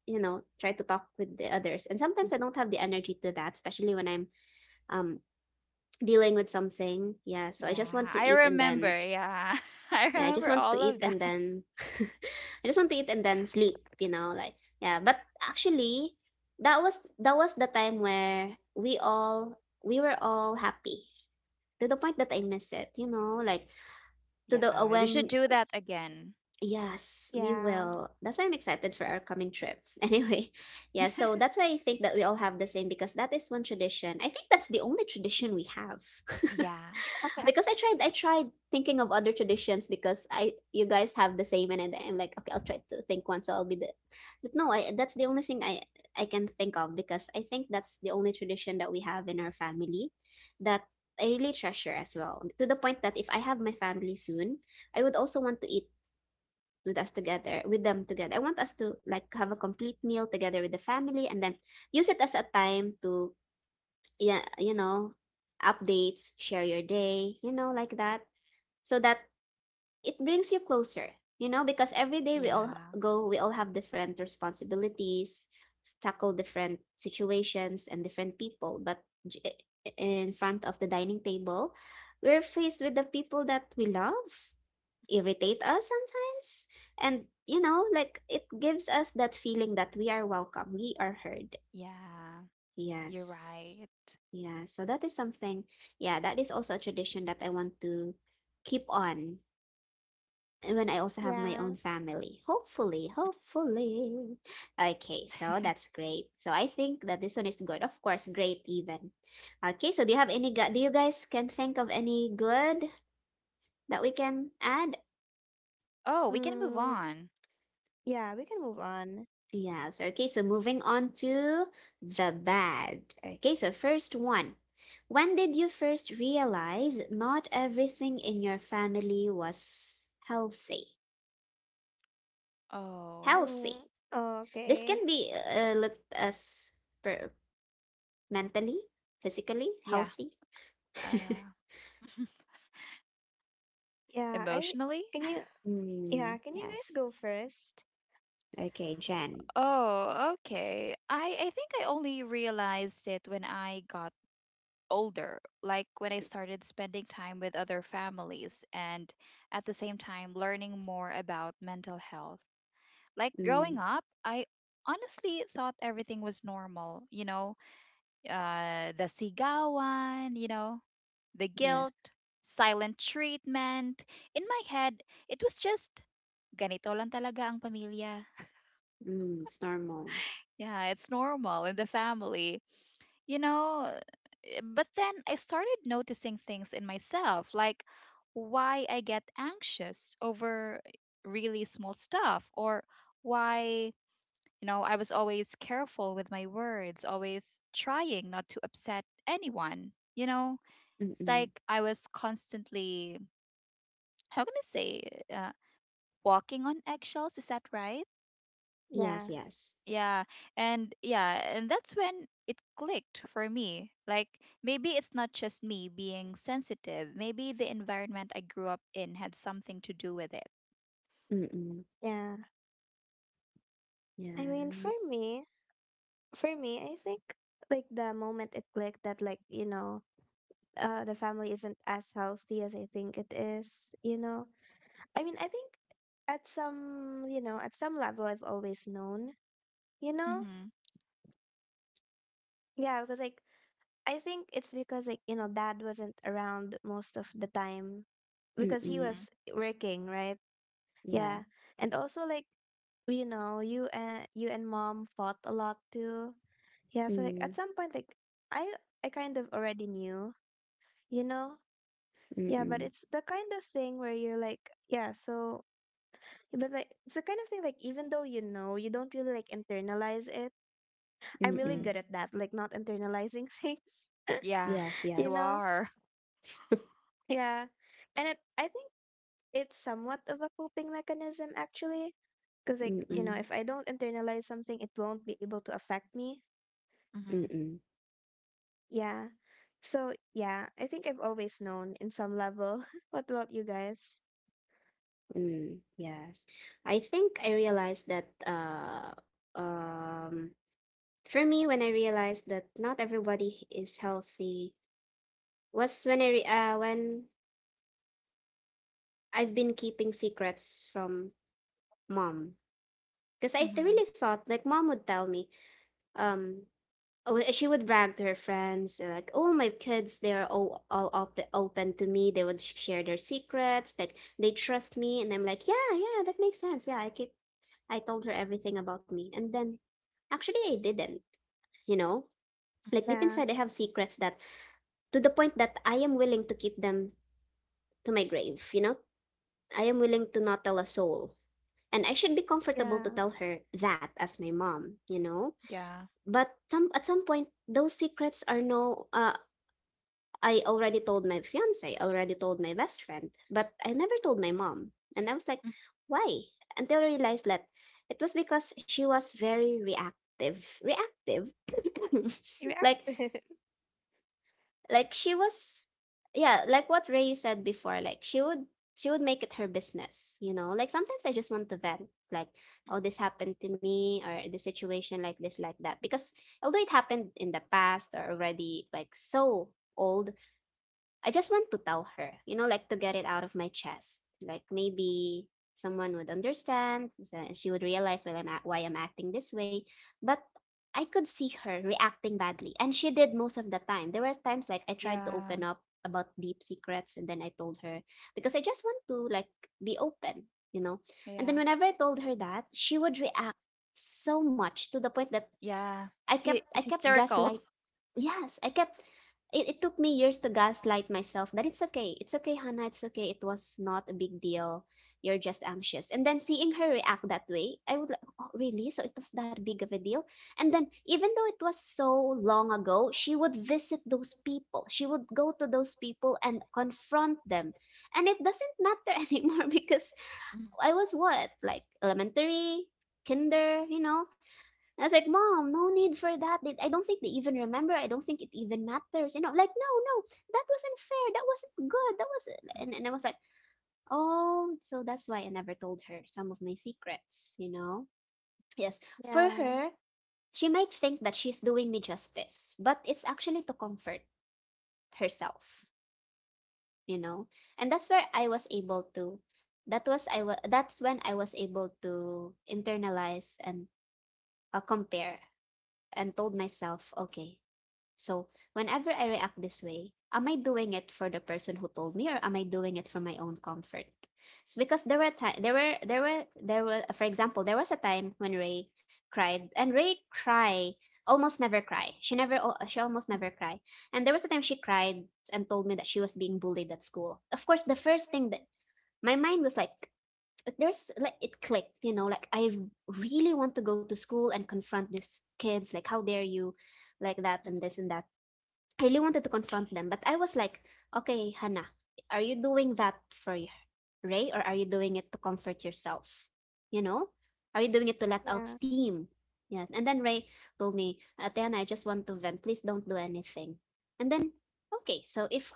Speaker 2: try to talk with the others. And
Speaker 3: Mhm.
Speaker 2: sometimes I
Speaker 3: Mhm.
Speaker 2: don't have the energy to that, especially when I'm um dealing with something. Yeah, so I just
Speaker 3: Yeah,
Speaker 2: want to
Speaker 3: I
Speaker 2: eat and
Speaker 3: remember.
Speaker 2: then
Speaker 3: Yeah. I
Speaker 2: yeah, I just
Speaker 3: remember
Speaker 2: want to
Speaker 3: all
Speaker 2: eat
Speaker 3: of
Speaker 2: and
Speaker 3: that.
Speaker 2: then I just want to eat and then sleep, you know, like yeah, but actually that was the time where we were all happy, to the point that I miss it, you know, like to the
Speaker 3: Yeah, we should
Speaker 2: when
Speaker 3: do that again.
Speaker 2: yes, we
Speaker 1: Yeah.
Speaker 2: will. That's why I'm excited for our coming trip. Anyway, yeah, so that's why I think that we all have the same, because that is one tradition. I think that's the only tradition we have.
Speaker 3: Yeah.
Speaker 2: Because I tried thinking of other traditions, because I you guys have the same, and then I'm like, okay, I'll try to think one, so I'll be the, but no I that's the only thing I can think of, because I think that's the only tradition that we have in our family, that I really treasure as well, to the point that if I have my family soon, I would also want to eat with us together with them together. I want us to like have a complete meal together with the family, and then use it as a time to, yeah, you know, updates, share your day, like that, so that it brings you closer, you know, because every day we all
Speaker 3: Yeah.
Speaker 2: go, we all have different responsibilities, tackle different situations and different people, but in front of the dining table we're faced with the people that we love, irritate us sometimes, and, you know, like it gives us that feeling that we are welcome, we are heard.
Speaker 3: Yeah. You're
Speaker 2: Yes.
Speaker 3: right.
Speaker 2: Yeah, so that is something. Yeah, that is also a tradition that I want to keep on when I also have my
Speaker 1: Yeah.
Speaker 2: own family. Hopefully, hopefully. Okay, so that's great. So I think that this one is good. Of course, great even. Okay, so do you have any do you guys can think of any good that we can add?
Speaker 3: Oh, we can move
Speaker 1: Mm,
Speaker 3: on.
Speaker 1: yeah, we can move on.
Speaker 2: Yeah, so okay, so moving on to the bad. Okay, so first one. When did you first realize not everything in your family was healthy?
Speaker 3: Oh,
Speaker 1: Mm,
Speaker 2: Healthy.
Speaker 1: oh,
Speaker 2: This
Speaker 1: okay.
Speaker 2: can be looked as per mentally, physically
Speaker 3: yeah.
Speaker 2: healthy.
Speaker 3: Uh,
Speaker 1: Yeah, I
Speaker 3: emotionally?
Speaker 1: can you yeah,
Speaker 2: Mm,
Speaker 1: can you guys
Speaker 2: yes.
Speaker 1: go first?
Speaker 2: Okay, Jen.
Speaker 3: Oh, okay. I think I only realized it when I got older, like when I started spending time with other families and at the same time learning more about mental health. Like growing
Speaker 2: Mm,
Speaker 3: up, I honestly thought everything was normal, you know, the sigawan, you know, the
Speaker 2: yeah.
Speaker 3: guilt, silent treatment. In my head, it was just ganito lang talaga ang pamilya.
Speaker 2: Mm, it's normal.
Speaker 3: Yeah, it's normal in the family. you know uh, but then I started noticing things in myself, like why I get anxious over really small stuff, or why, you know, I was always careful with my words, always trying not to upset anyone. You know, it's
Speaker 2: Mm-mm.
Speaker 3: like I was constantly, how can I say, uh, walking on eggshells, is that right?
Speaker 2: Yes,
Speaker 1: Yeah.
Speaker 2: yes.
Speaker 3: Yeah, and that's when it clicked for me. Like maybe it's not just me being sensitive. Maybe the environment I grew up in had something to do with it.
Speaker 2: Mm-mm.
Speaker 1: Yeah. I mean,
Speaker 2: Yes.
Speaker 1: for me, I think, like, the moment it clicked that, like, you know, the family isn't as healthy as I think it is, you know. I mean, I think at some level I've always known, you know?
Speaker 3: Mhm.
Speaker 1: Yeah, because, like, I think it's because, like, you know, dad wasn't around most of the time, because he
Speaker 2: Mm-mm.
Speaker 3: Mhm.
Speaker 1: was working, right?
Speaker 2: Yeah.
Speaker 1: Yeah. And also, like, you know, you and you and mom fought a lot too. Yeah, so, like, at
Speaker 2: Mm,
Speaker 1: some point, like, I I kind of already knew, you know? Yeah, but
Speaker 2: mm-mm.
Speaker 1: it's the kind of thing where you're like, yeah, so, but, like, it's the kind of thing, like, even though, you know, you don't really, like, internalize it. I'm really
Speaker 3: Mhm.
Speaker 2: Mm-mm.
Speaker 1: good at that, like, not internalizing things.
Speaker 3: Yeah,
Speaker 2: Yes,
Speaker 1: You
Speaker 3: you
Speaker 2: yes.
Speaker 1: know.
Speaker 3: are.
Speaker 1: Yeah. And, I think it's somewhat of a coping mechanism, actually. Because, like, you know,
Speaker 2: Mm-mm.
Speaker 3: Mhm.
Speaker 1: if I don't internalize something, it won't be able to affect me.
Speaker 3: Mhm.
Speaker 2: Mm-mm.
Speaker 1: Yeah. So, yeah, I think I've always known in some level. What about you guys?
Speaker 2: Mm, yes. I think I realized that um for me, when I realized that not everybody is healthy, was when when I've been keeping secrets from mom, because I
Speaker 3: Mhm.
Speaker 2: really thought like mom would tell me, um oh, she would brag to her friends, like, oh, my kids they are all open to me, they would share their secrets, like they trust me. And I'm like, yeah, yeah, that makes sense, yeah, I keep, I told her everything about me. And then actually I didn't, you know,
Speaker 3: Mhm.
Speaker 2: like deep
Speaker 1: Yeah.
Speaker 2: inside I have secrets that, to the point that I am willing to keep them to my grave, you know. I am willing to not tell a soul, and I should be comfortable to
Speaker 1: Yeah.
Speaker 2: tell her that as my mom, you know.
Speaker 3: Yeah.
Speaker 2: But some at some point, those secrets are no. I already told my fiance, already told my best friend, but I never told my mom, and I was like,
Speaker 3: Mm.
Speaker 2: why? Until I realized that it was because she was very reactive,
Speaker 1: You react.
Speaker 2: like like she was, yeah, like what Ray said before, like she would make it her business, you know, like sometimes I just want to vent, like, oh, this happened to me, or the situation like this like that, because although it happened in the past or already like so old, I just want to tell her, you know, like to get it out of my chest. Like maybe someone would understand, she would realize why I'm acting this way. But I could see her reacting badly, and she did most of the time. There were times like I tried to open
Speaker 3: Yeah.
Speaker 2: up about deep secrets, and then I told her because I just want to like be open, you know. And
Speaker 3: Yeah.
Speaker 2: then whenever I told her that, she would react so much to the point that
Speaker 3: Yeah.
Speaker 2: I
Speaker 3: He
Speaker 2: kept I kept
Speaker 3: hysterical.
Speaker 2: gaslight. Yes, I kept, it took me years to gaslight myself that it's okay. It's okay, Hannah. It's okay. It was not a big deal. You're just anxious. And then seeing her react that way, I would like, oh, really? So it was that big of a deal? And then even though it was so long ago, she would visit those people. She would go to those people and confront them. And it doesn't matter anymore, because
Speaker 3: Mhm.
Speaker 2: I was what? Like elementary, kinder, you know? I was like, Mom, no need for that. They, I don't think they even remember. I don't think it even matters. You know, like, no, no, that wasn't fair. That wasn't good. That was,
Speaker 3: Mm.
Speaker 2: and I was like, oh, so that's why I never told her some of my secrets, you know? Yes. For
Speaker 1: Yeah.
Speaker 2: her, she might think that she's doing me justice, but it's actually to comfort herself, you know? And that's where I was able to, that's when I was able to internalize and compare, and told myself, okay, so whenever I react this way, am I doing it for the person who told me, or am I doing it for my own comfort? It's because there were time there were for example, there was a time when Ray cried, and Ray cry almost never cry. She never she almost never cry. And there was a time she cried and told me that she was being bullied at school. Of course, the first thing that my mind was like, there's like it clicked, you know, like I really want to go to school and confront these kids, like how dare you, like that and this and that, I really wanted to confront them. But I was like, okay, Hannah, are you doing that for Ray, or are you doing it to comfort yourself? You know, are you doing it to let out
Speaker 1: Yeah.
Speaker 2: steam? Yeah. And then Ray told me, Ate Hannah, I just want to vent. Please don't do anything. And then, okay, so if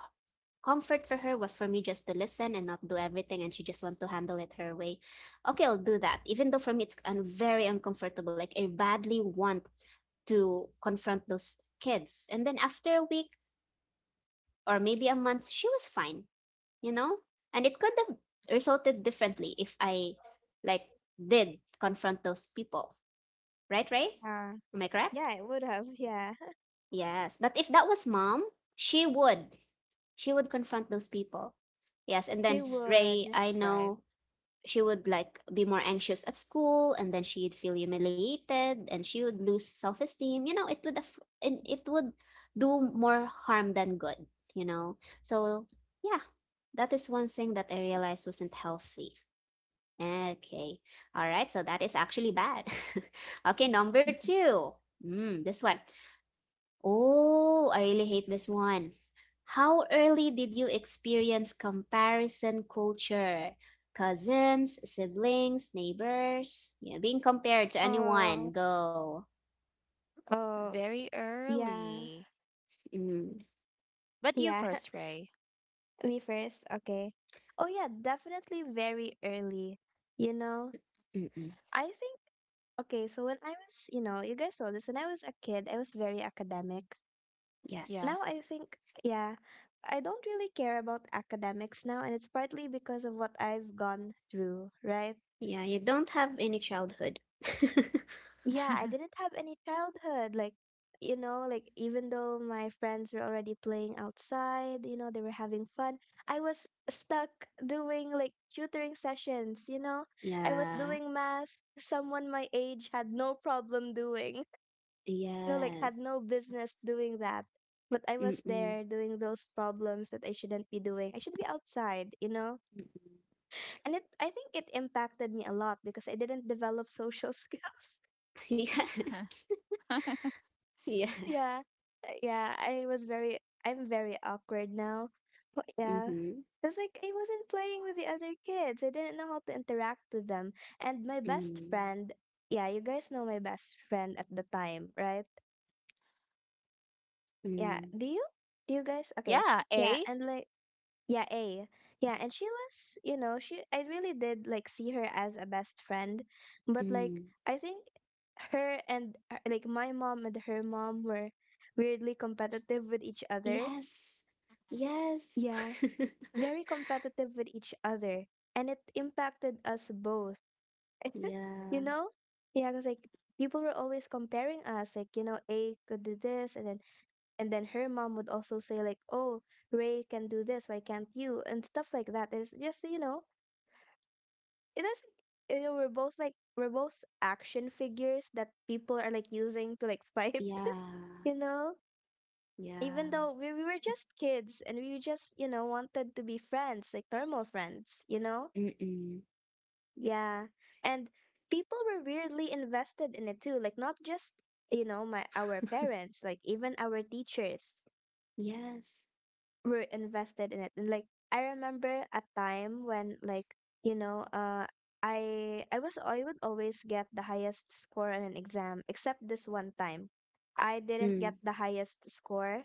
Speaker 2: comfort for her was for me just to listen and not do everything, and she just want to handle it her way, okay, I'll do that. Even though for me it's very uncomfortable, like I badly want to confront those kids. And then after a week, or maybe a month, she was fine, you know? And it could have resulted differently if I like did confront those people. Right, Ray?
Speaker 1: Yeah.
Speaker 2: Am I correct?
Speaker 1: Yeah, it would have. Yeah.
Speaker 2: Yes. But if that was mom, she would. She would confront those people. Yes. And
Speaker 1: She
Speaker 2: then
Speaker 3: Mhm.
Speaker 1: would.
Speaker 2: Ray, I
Speaker 3: Right.
Speaker 2: know she would like be more anxious at school, and then she'd feel humiliated, and she would lose self-esteem, you know. It would and it would do more harm than good, you know. So yeah, that is one thing that I realized wasn't healthy. Okay, all right, so that is actually bad. Okay, number two. Mm, this one. Oh, I really hate this one. How early did you experience comparison culture? Cousins, siblings, neighbors? Yeah, being compared to anyone.
Speaker 1: Oh,
Speaker 2: Go.
Speaker 1: oh,
Speaker 3: Very
Speaker 1: yeah,
Speaker 3: early.
Speaker 2: Mm,
Speaker 3: But you
Speaker 1: yeah.
Speaker 3: first, Ray.
Speaker 1: Me first, okay. Oh, yeah, definitely very early. You know,
Speaker 2: mm-mm.
Speaker 1: I think, okay, so when I was, you know, you guys saw this, when I was a kid, I was very academic.
Speaker 3: Yeah.
Speaker 2: Yes.
Speaker 1: Now I think, yeah, I don't really care about academics now, and it's partly because of what I've gone through, right?
Speaker 2: Yeah, you don't have any childhood.
Speaker 1: Yeah, I didn't have any childhood. Like, you know, like, even though my friends were already playing outside, you know, they were having fun, I was stuck doing, like, tutoring sessions, you know? I was
Speaker 2: Yeah.
Speaker 3: Mhm.
Speaker 1: doing math someone my age had no problem doing. You know, like, had
Speaker 2: Yes.
Speaker 1: no business doing that. But I
Speaker 2: Mm-mm.
Speaker 1: was
Speaker 2: Mm-mm.
Speaker 1: there doing those problems that I shouldn't be doing. I should be outside, you know? And it I think it impacted me a lot, because I didn't develop social skills.
Speaker 2: Yes. Yes.
Speaker 1: Yeah. Yeah, I'm very awkward now. But, yeah.
Speaker 2: Mm-hmm.
Speaker 1: Cause, like, I wasn't playing with the other kids. I didn't know how to interact with them. And my best
Speaker 2: Mm-mm.
Speaker 1: friend, yeah, you guys know my best friend at the time, right? Yeah.
Speaker 2: Mm-mm.
Speaker 1: Do you? Do you guys? Okay.
Speaker 3: Yeah,
Speaker 1: Yeah,
Speaker 3: a.
Speaker 1: and, like, yeah, A. Yeah, and she was, you know, she, I really did, like, see her as a best friend, but, like, I think her and, like, my mom and her mom were weirdly competitive with each other.
Speaker 2: Yes. Yes.
Speaker 1: Yeah, very competitive with each other, and it impacted us both. You
Speaker 2: Yeah.
Speaker 1: know? Yeah, because, like, people were always comparing us, like, you know, A could do this, and then her mom would also say, like, "Oh, Ray can do this, why can't you?" and stuff like that. It's just, you know, it is, like, you know, we're both, like, we're both action figures that people are, like, using to, like, fight
Speaker 2: Yeah.
Speaker 1: you know, even
Speaker 2: Yeah.
Speaker 1: though we were just kids, and we just, you know, wanted to be friends, like, normal friends, you know.
Speaker 2: Mm-mm.
Speaker 1: Yeah. And people were weirdly invested in it too, like, not just, you know, my our parents, like, even our teachers
Speaker 2: Yes.
Speaker 1: were invested in it. And, like, I remember a time when, like, you know, I would always get the highest score on an exam, except this one time. I didn't get
Speaker 2: Mm.
Speaker 1: the highest score,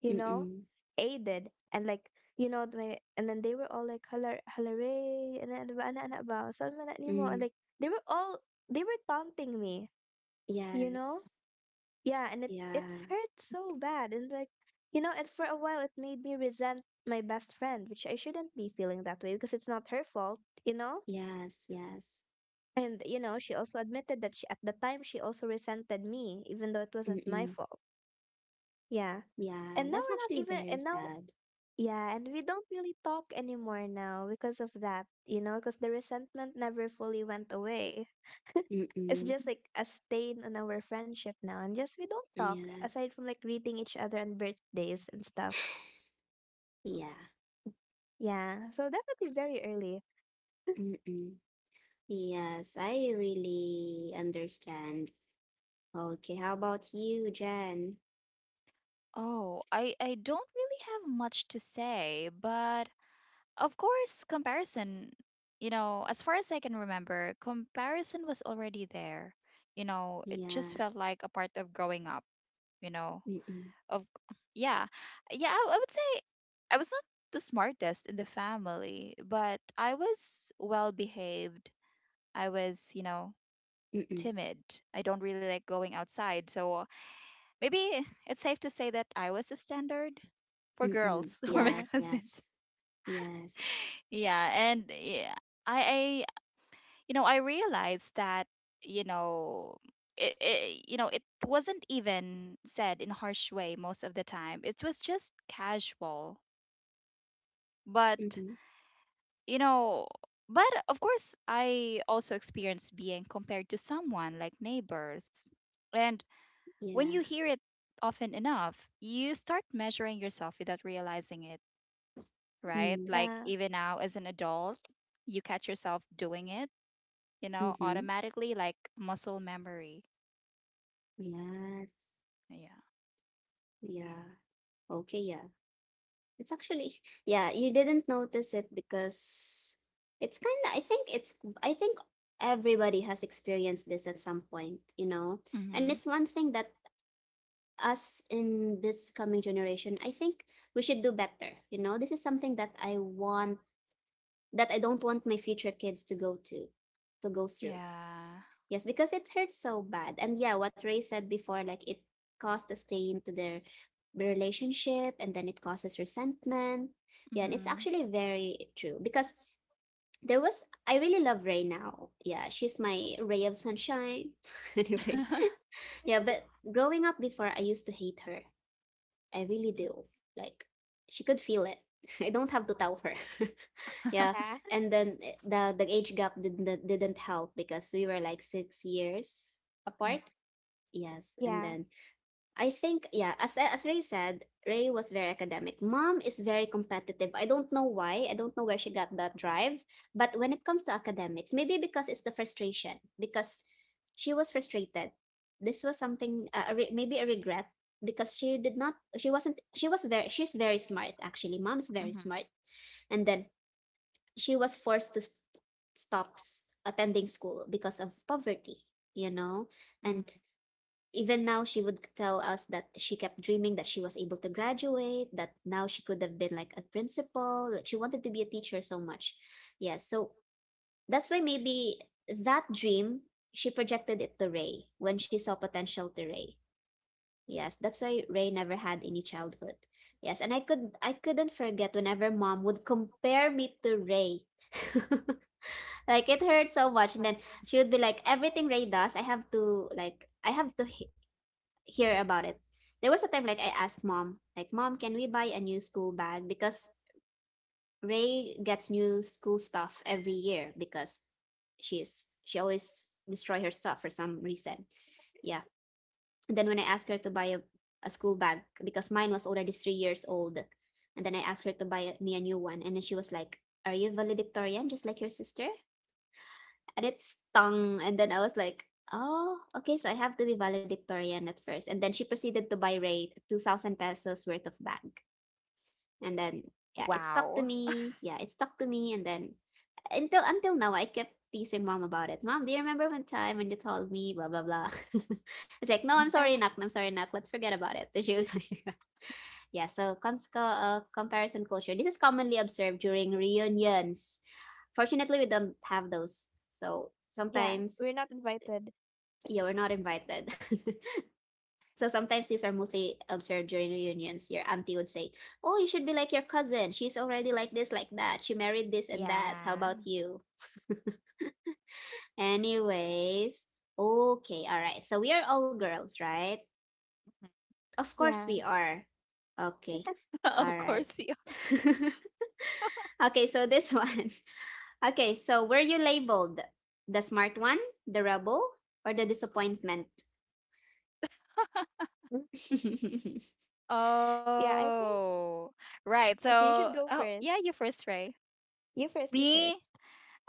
Speaker 1: you know.
Speaker 2: Mm-mm.
Speaker 1: A did. And like, you know, my and then they were all like halar halaray and then ba ana ana ba salma na nimo and
Speaker 2: Mm.
Speaker 1: like they were all they were taunting me, you know?
Speaker 2: Yes.
Speaker 1: Yeah, and it
Speaker 2: Yeah.
Speaker 1: hurt so bad, and like you know, and for a while it made me resent my best friend, which I shouldn't be feeling that way because it's not her fault, you know.
Speaker 2: Yes. Yes.
Speaker 1: And you know, she also admitted that she at the time she also resented me, even though it wasn't my
Speaker 2: Mm-mm.
Speaker 1: fault. Yeah,
Speaker 2: Yeah.
Speaker 1: and now
Speaker 2: That's
Speaker 1: we're not
Speaker 2: actually
Speaker 1: even,
Speaker 2: very
Speaker 1: and now
Speaker 2: sad.
Speaker 1: yeah, and we don't really talk anymore now because of that, because the resentment never fully went away. It's
Speaker 2: Mm-mm.
Speaker 1: just like a stain on our friendship now, and just we don't talk
Speaker 2: Yes.
Speaker 1: aside from like greeting each other on birthdays and stuff.
Speaker 2: Yeah.
Speaker 1: Yeah, so definitely very early.
Speaker 2: Mm-mm. Yes, I really understand. Okay, how about you, Jen?
Speaker 3: Oh, I don't really have much to say, but of course, comparison, you know, as far as I can remember, comparison was already there. You know, it just
Speaker 2: Yeah.
Speaker 3: felt like a part of growing up, you know.
Speaker 2: Mm-mm.
Speaker 3: Of Yeah. Yeah, I would say I was not the smartest in the family, but I was well behaved. I was, you know,
Speaker 2: Mm-mm.
Speaker 3: timid. I don't really like going outside, so maybe it's safe to say that I was the standard for
Speaker 2: Mm-mm.
Speaker 3: girls for my
Speaker 1: Yeah,
Speaker 2: Yes,
Speaker 3: cousins.
Speaker 2: yes. Yes.
Speaker 3: Yeah, and yeah, I you know, I realized that, you know, it you know, it wasn't even said in harsh way most of the time. It was just casual. But,
Speaker 2: Mm-hmm.
Speaker 3: you know, but of course, I also experienced being compared to someone like neighbors, and when you
Speaker 2: Yeah.
Speaker 3: hear it often enough, you start measuring yourself without realizing it, right?
Speaker 2: Mm.
Speaker 3: Like
Speaker 1: yeah,
Speaker 3: even now as an adult, you catch yourself doing it, you know,
Speaker 2: Mm-hmm.
Speaker 3: automatically, like muscle memory.
Speaker 2: Yes.
Speaker 3: Yeah.
Speaker 2: Yeah. Okay, yeah. It's actually, yeah, you didn't notice it because it's kind of, I think everybody has experienced this at some point, you know. And
Speaker 3: Mm-hmm.
Speaker 2: it's one thing that us in this coming generation, I think we should do better, you know. This is something that I want, that I don't want my future kids to go through.
Speaker 3: Yeah.
Speaker 2: Yes, because it hurts so bad. And yeah, what Ray said before, like, it caused a stain to their relationship, and then it causes resentment. Yeah, and it's
Speaker 3: Mm-hmm.
Speaker 2: actually very true, because there was, I really love Ray now. Yeah, she's my ray of sunshine. Anyway, yeah, but growing up before, I used to hate her. I really do. Like, she could feel it. I don't have to tell her. Yeah,
Speaker 1: yeah.
Speaker 2: and then the age gap didn't help because we were like 6 years apart. Yes, and
Speaker 1: Yeah,
Speaker 2: then I think, yeah, as Ray said, Ray was very academic. Mom is very competitive. I don't know why. I don't know where she got that drive. But when it comes to academics, maybe because it's the frustration, because she was frustrated. This was something a maybe a regret, because she did not. She wasn't. She was very. She's very smart actually. Mom is very
Speaker 3: Mm-hmm.
Speaker 2: smart, and then she was forced to stop attending school because of poverty. You know,
Speaker 3: hmm
Speaker 2: and even now, she would tell us that she kept dreaming that she was able to graduate, that now she could have been like a principal. Like she wanted to be a teacher so much. Yeah, so that's why maybe that dream, she projected it to Ray when she saw potential to Ray. Yes, that's why Ray never had any childhood. Yes, and I couldn't forget whenever mom would compare me to Ray. Like it hurt so much and then she would be like everything Ray does, I have to hear about it. There was a time like I asked mom, like, Mom, can we buy a new school bag? Because Ray gets new school stuff every year because she always destroy her stuff for some reason. Yeah. And then when I asked her to buy a school bag, because mine was already 3 years old, and then I asked her to buy me a new one, and then she was like, are you valedictorian just like your sister? And it stung and then I was like, "Oh, okay, so I have to be valedictorian at first." And then she proceeded to buy Ray 2000 pesos worth of bag. And then yeah,
Speaker 3: Wow.
Speaker 2: it stuck to me. Yeah, it stuck to me and then until now I kept teasing mom about it. Mom, do you remember one time when you told me blah blah blah? It's like,
Speaker 3: Mhm.
Speaker 2: "No, I'm
Speaker 1: yeah,
Speaker 2: sorry, Nak. I'm sorry, Nak. Let's forget about it." But she was like, yeah, so comparison culture. This is commonly observed during reunions. Fortunately, we don't have those. So
Speaker 1: yeah. We're
Speaker 2: sometimes
Speaker 1: not invited.
Speaker 2: you
Speaker 1: It's-
Speaker 2: are not invited. So sometimes these are mostly observed during reunions. Your auntie would say, oh, you should be like your cousin. She's already like this, like that. She married this and that. How
Speaker 3: Yeah.
Speaker 2: about you? Anyways, okay, all right. So we are all girls, right? Of course we
Speaker 1: Yeah,
Speaker 2: are. Okay, all
Speaker 3: of
Speaker 2: right.
Speaker 3: course we are.
Speaker 2: Okay, so this one. Okay, so were you labeled the smart one, the rebel, or the disappointment?
Speaker 1: Mm, yeah. I think
Speaker 3: Oh, right.
Speaker 1: Okay. You should
Speaker 3: So,
Speaker 1: go
Speaker 3: oh, yeah,
Speaker 1: first.
Speaker 3: you first, Ray.
Speaker 1: You first. You
Speaker 3: Me?
Speaker 1: first.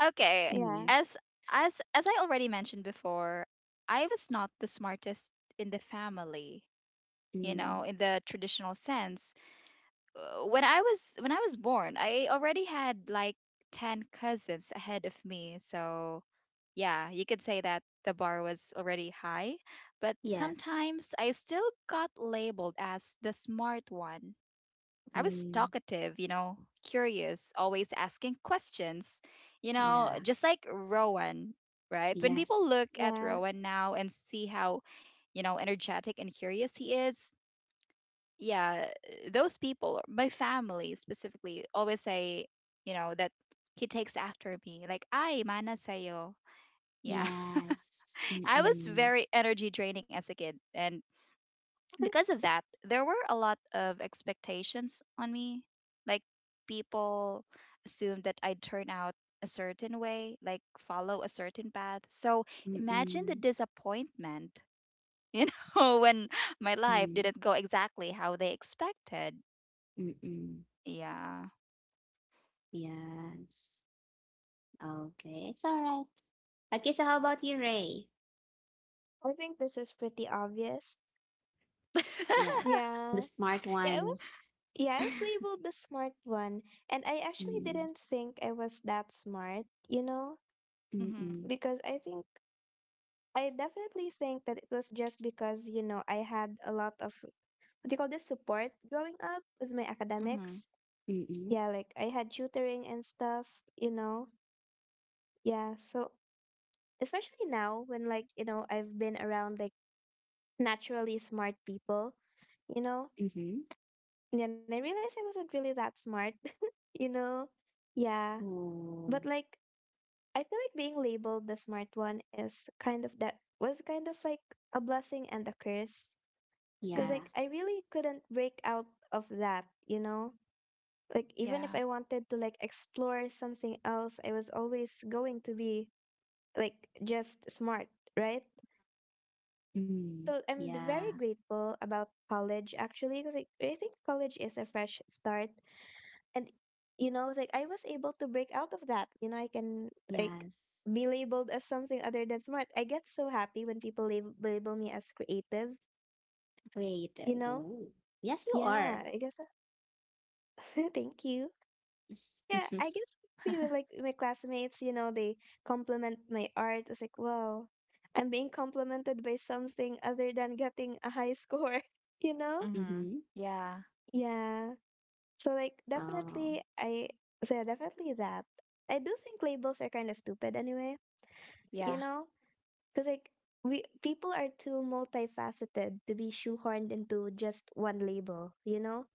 Speaker 3: Okay.
Speaker 1: Yeah,
Speaker 2: Mm,
Speaker 3: As as I already mentioned before, I was not the smartest in the family, you
Speaker 2: mm.
Speaker 3: know, in the traditional sense. When I was born, I already had like 10 cousins ahead of me. So, yeah, you could say that the bar was already high, but
Speaker 2: Yes.
Speaker 3: sometimes I still got labeled as the smart one. I was
Speaker 2: Mm,
Speaker 3: talkative, you know, curious, always asking questions, you know,
Speaker 2: yeah.
Speaker 3: just like Rowan, right? When people
Speaker 2: Yes.
Speaker 3: look at
Speaker 1: yeah.
Speaker 3: Rowan now and see how, you know, energetic and curious he is, yeah, those people, my family specifically, always say, you know, that he takes after me. Like, ay, mana sayo. Yeah.
Speaker 2: Yes.
Speaker 3: I was
Speaker 2: Mm-mm.
Speaker 3: very energy draining as a kid. And because of that, there were a lot of expectations on me. Like people assumed that I'd turn out a certain way, like follow a certain path. So imagine the
Speaker 2: Mm-mm.
Speaker 3: disappointment, you know, when my life
Speaker 2: Mm.
Speaker 3: didn't go exactly how they expected.
Speaker 2: Mm-mm.
Speaker 3: Yeah.
Speaker 2: Yes. Okay. It's all right. Okay, so how about you, Ray?
Speaker 1: I think this is pretty obvious.
Speaker 2: Yes. The
Speaker 1: Yeah,
Speaker 2: smart
Speaker 1: yeah. I
Speaker 2: one.
Speaker 1: was, yeah. I was labeled the smart one, and I actually
Speaker 2: Mm.
Speaker 1: didn't think I was that smart. You know,
Speaker 3: Mhm.
Speaker 2: Mm-mm.
Speaker 1: because I definitely think that it was just because you know I had a lot of what do you call this support growing up with my
Speaker 3: Mhm.
Speaker 1: academics.
Speaker 2: Mm-mm.
Speaker 1: Yeah, like I had tutoring and stuff, you know. Yeah, so especially now when like, you know, I've been around like naturally smart people, you know.
Speaker 2: Mm-hmm.
Speaker 1: And then I realized I wasn't really that smart, you know. Yeah, but
Speaker 2: Oh,
Speaker 1: like I feel like being labeled the smart one is kind of like a blessing and a curse because
Speaker 3: Mhm.
Speaker 2: yeah.
Speaker 1: like I really couldn't break out of that, you know. Like even if
Speaker 3: Yeah.
Speaker 1: I wanted to like explore something else, I was always going to be like just smart, right?
Speaker 2: Mm.
Speaker 1: So I'm very
Speaker 2: Yeah.
Speaker 1: grateful about college actually because like, I think college is a fresh start, and you know it's like I was able to break out of that. You know, I can like
Speaker 2: Yes.
Speaker 1: be labeled as something other than smart. I get so happy when people label me as creative, you
Speaker 2: Creative.
Speaker 1: know?
Speaker 2: Ooh. Yes, you
Speaker 1: Yeah,
Speaker 2: are.
Speaker 1: I guess thank you. Yeah, I guess people like my classmates, you know, they compliment my art. It's like, wow, I'm being complimented by something other than getting a high score, you know?
Speaker 3: Mhm.
Speaker 2: Mm-hmm.
Speaker 3: Yeah.
Speaker 1: Yeah. So like
Speaker 2: Oh.
Speaker 1: definitely I so yeah, definitely that. I do think labels are kind of stupid anyway, you
Speaker 3: Yeah.
Speaker 1: know? Cuz like we people are too multifaceted to be shoehorned into just one label, you know?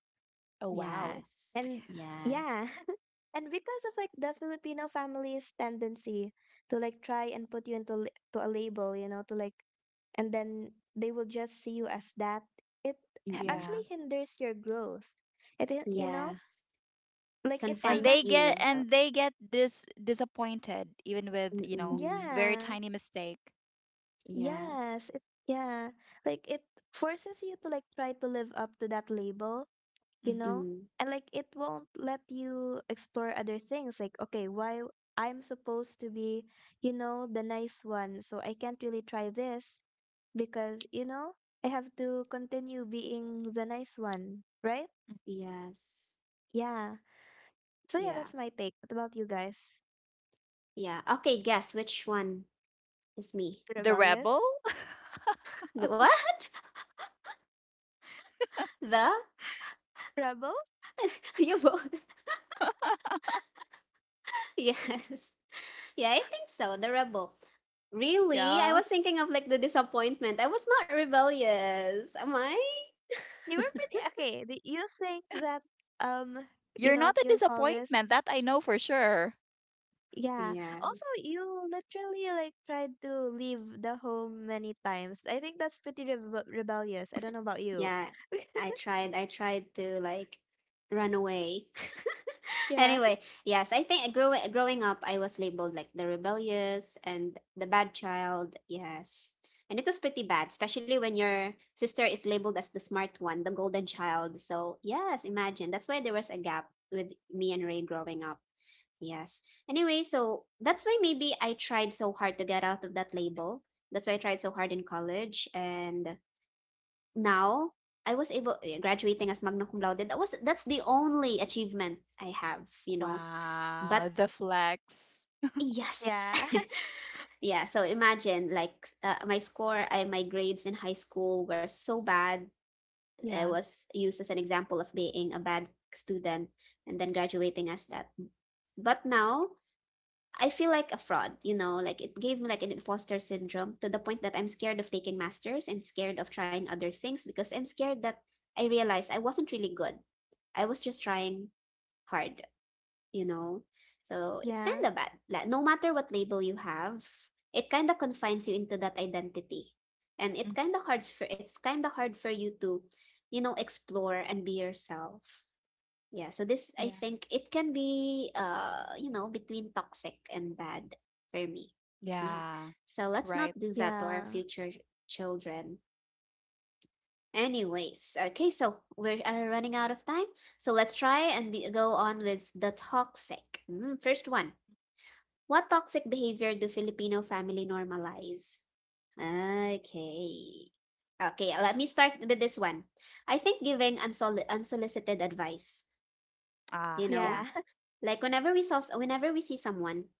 Speaker 3: Oh wow.
Speaker 1: And
Speaker 2: Yes,
Speaker 1: yeah,
Speaker 2: yes.
Speaker 1: and because of like the Filipino family's tendency to like try and put you into li- to a label, you know, to like, and then they will just see you as that. it
Speaker 2: Mm-mm.
Speaker 3: Yeah.
Speaker 1: actually hinders your growth. It you know,
Speaker 3: Yeah.
Speaker 2: Yes.
Speaker 1: like it
Speaker 3: and
Speaker 2: Confines
Speaker 3: they
Speaker 1: prevents you
Speaker 3: get
Speaker 2: you.
Speaker 1: from
Speaker 3: and they get disappointed even with, you know,
Speaker 2: Mm-mm.
Speaker 3: very
Speaker 1: yeah
Speaker 3: tiny mistake.
Speaker 2: Yes.
Speaker 1: yes it yeah like it forces you to like try to live up to that label, you
Speaker 3: Mhm.
Speaker 1: know,
Speaker 2: Mm.
Speaker 1: and like it won't let you explore other things. Like, okay, why, I'm supposed to be, you know, the nice one, so I can't really try this, because you know, I have to continue being the nice one, right?
Speaker 2: Yes.
Speaker 1: Yeah. So yeah,
Speaker 2: Yeah.
Speaker 1: that's my take. What about you guys?
Speaker 2: Yeah. Okay, guess which one is me?
Speaker 3: The rebel.
Speaker 1: Rebellious.
Speaker 2: The what? The?
Speaker 1: Rebel.
Speaker 2: You both? Yes. Yeah, I think so. The rebel. Really? I
Speaker 3: Yeah,
Speaker 2: was thinking of like the disappointment. I was not rebellious, am I?
Speaker 1: You were pretty okay. Do you think that, um you
Speaker 3: you're
Speaker 1: know, what
Speaker 3: not a
Speaker 1: you call this.
Speaker 3: disappointment, that I know for sure.
Speaker 1: Yeah. Also,
Speaker 2: Yes.
Speaker 1: you literally like tried to leave the home many times. I think that's pretty rebellious. I don't know about you.
Speaker 2: Yeah, I tried to like run away.
Speaker 1: Yeah.
Speaker 2: Anyway, yes, I think growing up I was labeled like the rebellious and the bad child, yes, and it was pretty bad especially when your sister is labeled as the smart one, the golden child, so yes, imagine that's why there was a gap with me and Ray growing up, yes. Anyway, so that's why maybe I tried so hard to get out of that label. That's why I tried so hard in college, and now I was able graduating as magna cum laude, that's the only achievement I have, you know, but
Speaker 3: Wow, the flex.
Speaker 2: yes.
Speaker 1: Yeah.
Speaker 2: Yeah, so imagine like my grades in high school were so bad. I
Speaker 3: Yeah.
Speaker 2: was used as an example of being a bad student and then graduating as that, but now I feel like a fraud, you know, like it gave me like an imposter syndrome to the point that I'm scared of taking masters. I'm scared of trying other things because I'm scared that I realized I wasn't really good. I was just trying hard, you know. So it's kind
Speaker 1: Yeah.
Speaker 2: of bad. Like, no matter what label you have, it kind of confines you into that identity. And it
Speaker 3: Mm.
Speaker 2: kind of hard for it's kind of hard for you to, you know, explore and be yourself. Yeah, so this I
Speaker 3: Yeah.
Speaker 2: think it can be you know, between toxic and bad for me. Yeah.
Speaker 3: Yeah.
Speaker 2: So let's
Speaker 3: Right.
Speaker 2: not do that to
Speaker 1: Yeah.
Speaker 2: our future children. Anyways, okay, so we're running out of time. So let's try and be, go on with the toxic. Mm, first one. What toxic behavior do Filipino family normalize? Okay. Okay, let me start with this one. I think
Speaker 3: Mm.
Speaker 2: giving unsolicited advice,
Speaker 3: Ah,
Speaker 2: you
Speaker 3: yeah.
Speaker 2: know,
Speaker 1: Yeah.
Speaker 2: like whenever we saw, whenever we see someone,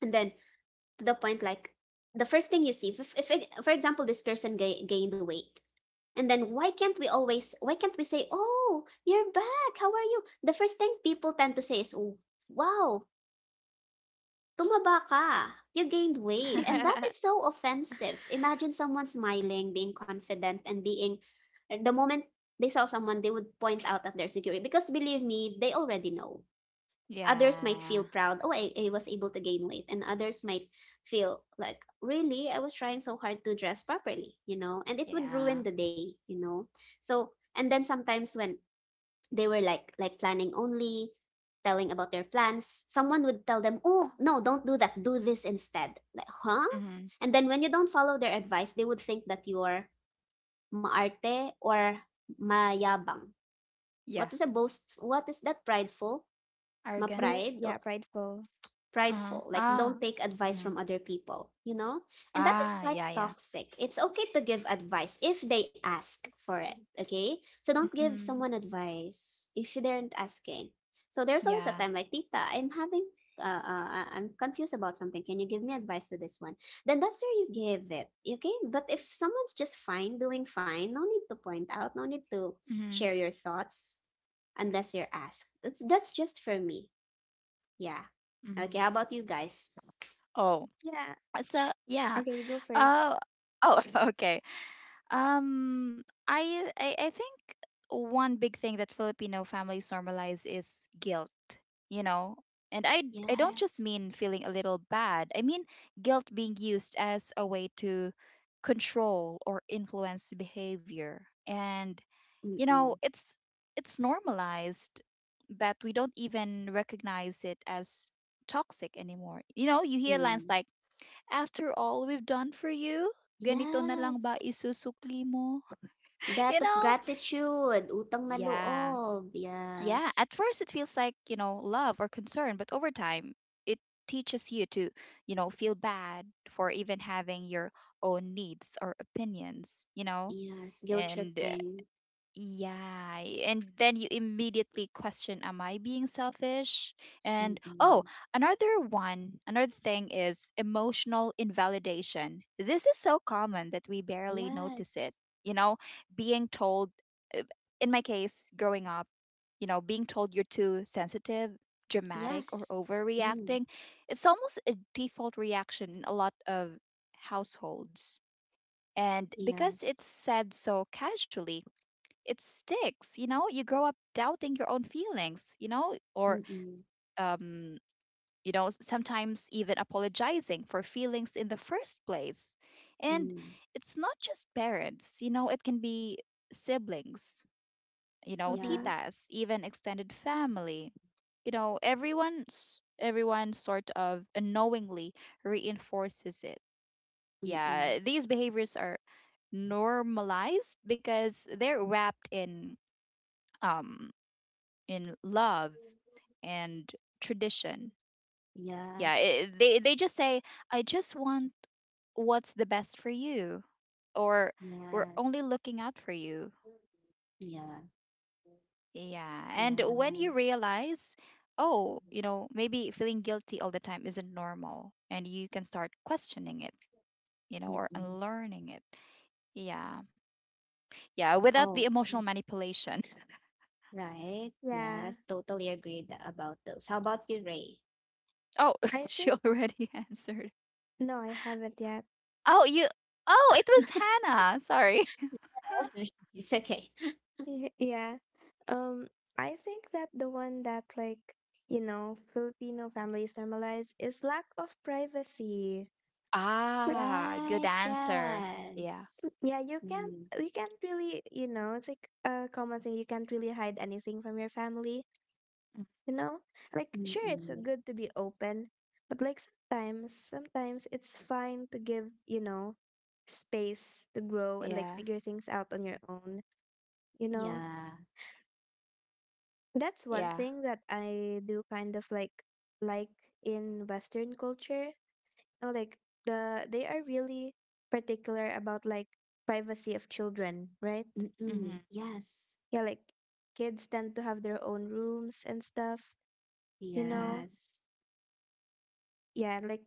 Speaker 2: and then to the point like the first thing you see, if for example this person gained weight, and then
Speaker 3: Mhm.
Speaker 2: why can't we always, why can't we say, oh, you're back, how are you? The first thing people tend to say is, oh, wow, tumaba ka, you gained weight, and that
Speaker 1: Yeah.
Speaker 2: is so offensive. Imagine someone smiling, being confident, and being the moment they saw someone, they would point out at their security because believe me, they already know others might feel
Speaker 3: Yeah.
Speaker 2: proud, oh, I was able to gain weight and others might feel like really I was trying so hard to dress properly, you know, and it would
Speaker 3: Yeah.
Speaker 2: ruin the day, you know. So and then sometimes when they were like planning only telling about their plans, someone would tell them, oh no, don't do that, do this instead, like, huh?
Speaker 3: hmm
Speaker 2: And then when you don't follow their advice they would think that you're maarte or mayabang,
Speaker 3: yeah,
Speaker 2: what is a boast, what is that, prideful, ma
Speaker 1: Well,
Speaker 3: arrogance.
Speaker 2: pride,
Speaker 1: yeah, prideful.
Speaker 3: Uh-huh.
Speaker 2: prideful, like
Speaker 3: Ah.
Speaker 2: don't take advice
Speaker 3: Mhm.
Speaker 2: from other people, you know? And that is
Speaker 3: Ah.
Speaker 2: quite
Speaker 3: Yeah. Yeah.
Speaker 2: toxic. It's okay to give advice if they ask for it, okay? So don't give
Speaker 3: Mhm.
Speaker 2: someone advice if they aren't asking. So there's always a
Speaker 3: Yeah.
Speaker 2: time like, Tita, I'm having, I'm confused about something. Can you give me advice to this one? Then that's where you give it, okay? But if someone's just fine, doing fine, no need to point out, no need to
Speaker 3: Mhm.
Speaker 2: share your thoughts unless you're asked. That's just for me. Yeah.
Speaker 3: Mm-hmm.
Speaker 2: Okay, how about you guys?
Speaker 3: Oh,
Speaker 1: Yeah.
Speaker 3: so yeah.
Speaker 1: Okay, go first.
Speaker 3: Uh, oh, okay. I think one big thing that Filipino families normalize is guilt, you know. And I don't just
Speaker 2: Yes.
Speaker 3: mean feeling a little bad. I mean guilt being used as a way to control or influence behavior. And you know,
Speaker 2: Mm-mm.
Speaker 3: it's normalized, but we don't even recognize it as toxic anymore. You know, you hear lines
Speaker 2: Mm.
Speaker 3: like after all we've done for you, ganito na lang
Speaker 2: Yes.
Speaker 3: ba isusukli mo?
Speaker 2: Debt
Speaker 3: You
Speaker 2: of
Speaker 3: know?
Speaker 2: gratitude, utang na
Speaker 3: Yeah.
Speaker 2: loob.
Speaker 3: Yeah.
Speaker 2: Yes.
Speaker 3: At first, it feels like, you know, love or concern, but over time, it teaches you to, you know, feel bad for even having your own needs or opinions, you know?
Speaker 2: Yes. Guilt
Speaker 3: And
Speaker 2: tripping.
Speaker 3: yeah, and then you immediately question, am I being selfish? And oh,
Speaker 2: Mm-mm.
Speaker 3: another one, another thing is emotional invalidation. This is so common that we barely notice
Speaker 2: Yes.
Speaker 3: it. You know, being told, uh, in my case, growing up, you know, being told you're too sensitive, dramatic, or
Speaker 2: Yes. Mm.
Speaker 3: overreacting, it's almost a default reaction in a lot of households. And because it's
Speaker 2: Yes.
Speaker 3: said so casually, it sticks, you know, you grow up doubting your own feelings, you know, or
Speaker 2: Mm-mm.
Speaker 3: um you know, sometimes even apologizing for feelings in the first place. And
Speaker 2: Mm.
Speaker 3: it's not just parents, you know, it can be siblings, you know,
Speaker 1: Mm-hmm.
Speaker 2: Yeah.
Speaker 3: titas, even extended family, you know, everyone sort of unknowingly reinforces it.
Speaker 2: Mm-mm.
Speaker 3: Yeah, these behaviors are normalized because they're wrapped um in love and tradition. Yeah,
Speaker 2: Yes.
Speaker 3: they just say, "I just want what's the best for you," or "We're only
Speaker 2: Yes.
Speaker 3: looking out for you."
Speaker 2: Yeah.
Speaker 3: Yeah, and when
Speaker 2: Yeah.
Speaker 3: you realize, oh, you know, maybe feeling guilty all the time isn't normal, and you can start questioning it, you know, or
Speaker 2: Mm-mm.
Speaker 3: unlearning it. Yeah, yeah, without the
Speaker 2: Oh,
Speaker 3: emotional manipulation.
Speaker 2: right.
Speaker 1: Yeah.
Speaker 2: Yes. Totally agreed about those. How about you, Ray?
Speaker 3: Oh,
Speaker 1: I
Speaker 3: she
Speaker 1: think
Speaker 3: already answered.
Speaker 1: No, I haven't yet.
Speaker 3: Oh, you. Oh, it was Hannah. Sorry.
Speaker 2: Yes, it's okay.
Speaker 1: Yeah. Um, I think that the one that like, you know, Filipino families normalize is lack of privacy.
Speaker 3: Ah, good
Speaker 2: Right,
Speaker 3: answer. Yeah.
Speaker 2: yes.
Speaker 1: Yeah,
Speaker 2: Mm,
Speaker 1: you can't really, you know, it's like a common thing. You can't really hide anything from your family,
Speaker 3: Mm.
Speaker 1: you know? Like sure it's
Speaker 2: mm-mm.
Speaker 1: good to be open, but like sometimes it's fine to give, you know, space to grow and like
Speaker 3: Yeah.
Speaker 1: figure things out on your own, you know?
Speaker 2: Yeah.
Speaker 1: That's one
Speaker 3: Yeah.
Speaker 1: thing that I do kind of like in Western culture. Oh, like they are really particular about like privacy of children, right?
Speaker 3: Mhm.
Speaker 2: Mm-mm. Yes.
Speaker 1: Yeah, like kids tend to have their own rooms and stuff, you
Speaker 3: Mhm.
Speaker 1: know.
Speaker 2: Yes.
Speaker 1: Yeah, like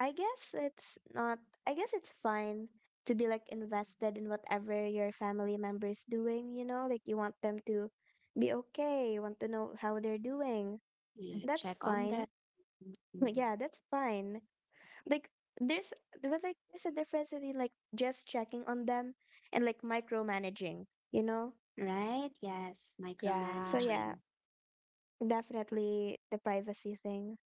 Speaker 1: I guess it's not I guess it's fine to be like invested in whatever your family member is doing, you know, like you want them to be okay, you want to know how they're doing.
Speaker 3: Mhm.
Speaker 2: Yeah.
Speaker 1: That's
Speaker 2: Check on
Speaker 1: fine.
Speaker 2: that.
Speaker 1: But
Speaker 2: Mm-mm.
Speaker 1: yeah, that's fine. Like there's but like there's a difference between like just checking on them and like micromanaging, you know?
Speaker 2: Right? Yes.
Speaker 1: So
Speaker 3: Yeah.
Speaker 1: yeah,
Speaker 2: Micromanaging.
Speaker 1: definitely the privacy thing.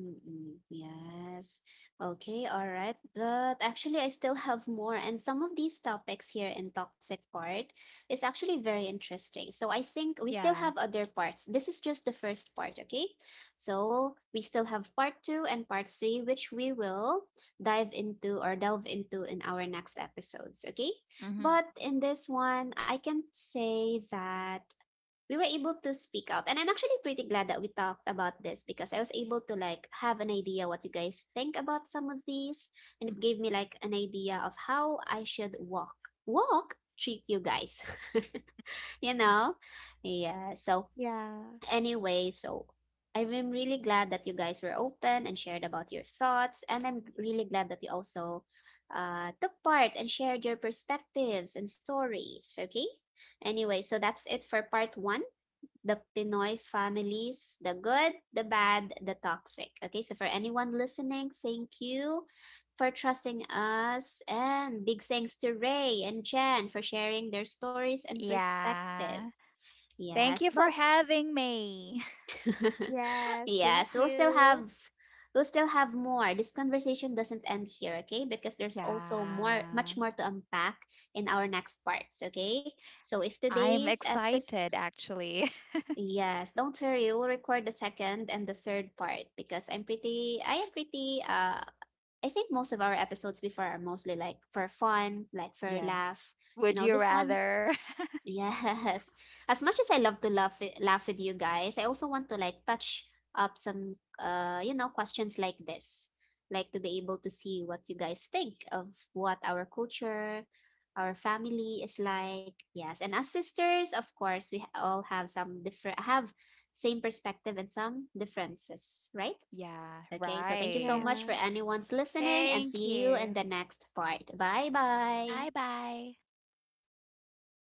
Speaker 2: Mm-mm, yes. Okay, all right. But actually, I still have more. And some of these topics here in Toxic Part is actually very interesting. So I think we still
Speaker 3: Yeah.
Speaker 2: have other parts. This is just the first part, okay? So we still have part two and part three, which we will dive into or delve into in our next episodes, okay?
Speaker 3: Mhm.
Speaker 2: But in this one, I can say that we were able to speak out and I'm actually pretty glad that we talked about this because I was able to like have an idea what you guys think about some of these, and
Speaker 3: Mhm.
Speaker 2: it gave me like an idea of how I should walk walk treat you guys, you know. Yeah, so
Speaker 1: Yeah.
Speaker 2: anyway, so I'm really glad that you guys were open and shared about your thoughts and I'm really glad that you also took part and shared your perspectives and stories, okay. Anyway, so that's it for part one, the Pinoy families, the good, the bad, the toxic. Okay, so for anyone listening, thank you for trusting us. And big thanks to Ray and Jen for sharing their stories and
Speaker 3: Yeah.
Speaker 2: perspective.
Speaker 3: Thank
Speaker 2: Yes,
Speaker 3: you for
Speaker 2: but
Speaker 3: having me.
Speaker 1: Yes. Thank
Speaker 2: yes,
Speaker 1: you.
Speaker 2: we'll still have more. This conversation doesn't end here, okay? Because there's also more much
Speaker 3: Yeah.
Speaker 2: more to unpack in our next parts, okay? So if
Speaker 3: I'm
Speaker 2: today's episode
Speaker 3: excited actually.
Speaker 2: Yes, don't worry. We'll record the second and the third part because I am pretty, I think most of our episodes before are mostly like for fun, like for
Speaker 3: Yeah.
Speaker 2: laugh. You
Speaker 3: Would
Speaker 2: know,
Speaker 3: you
Speaker 2: this one
Speaker 3: rather?
Speaker 2: Yes. As much as I love to laugh with you guys, I also want to like touch up some questions like this. Like to be able to see what you guys think of what our culture, our family is like. Yes, and as sisters, of course, we all have some different have same perspective and some differences, right?
Speaker 3: Yeah,
Speaker 2: Okay, so thank you so
Speaker 3: right.
Speaker 2: much
Speaker 1: Yeah.
Speaker 2: for anyone's listening and
Speaker 3: Thank
Speaker 2: see you in
Speaker 3: you.
Speaker 2: the next part. Bye bye.
Speaker 3: Bye bye.
Speaker 1: Bye.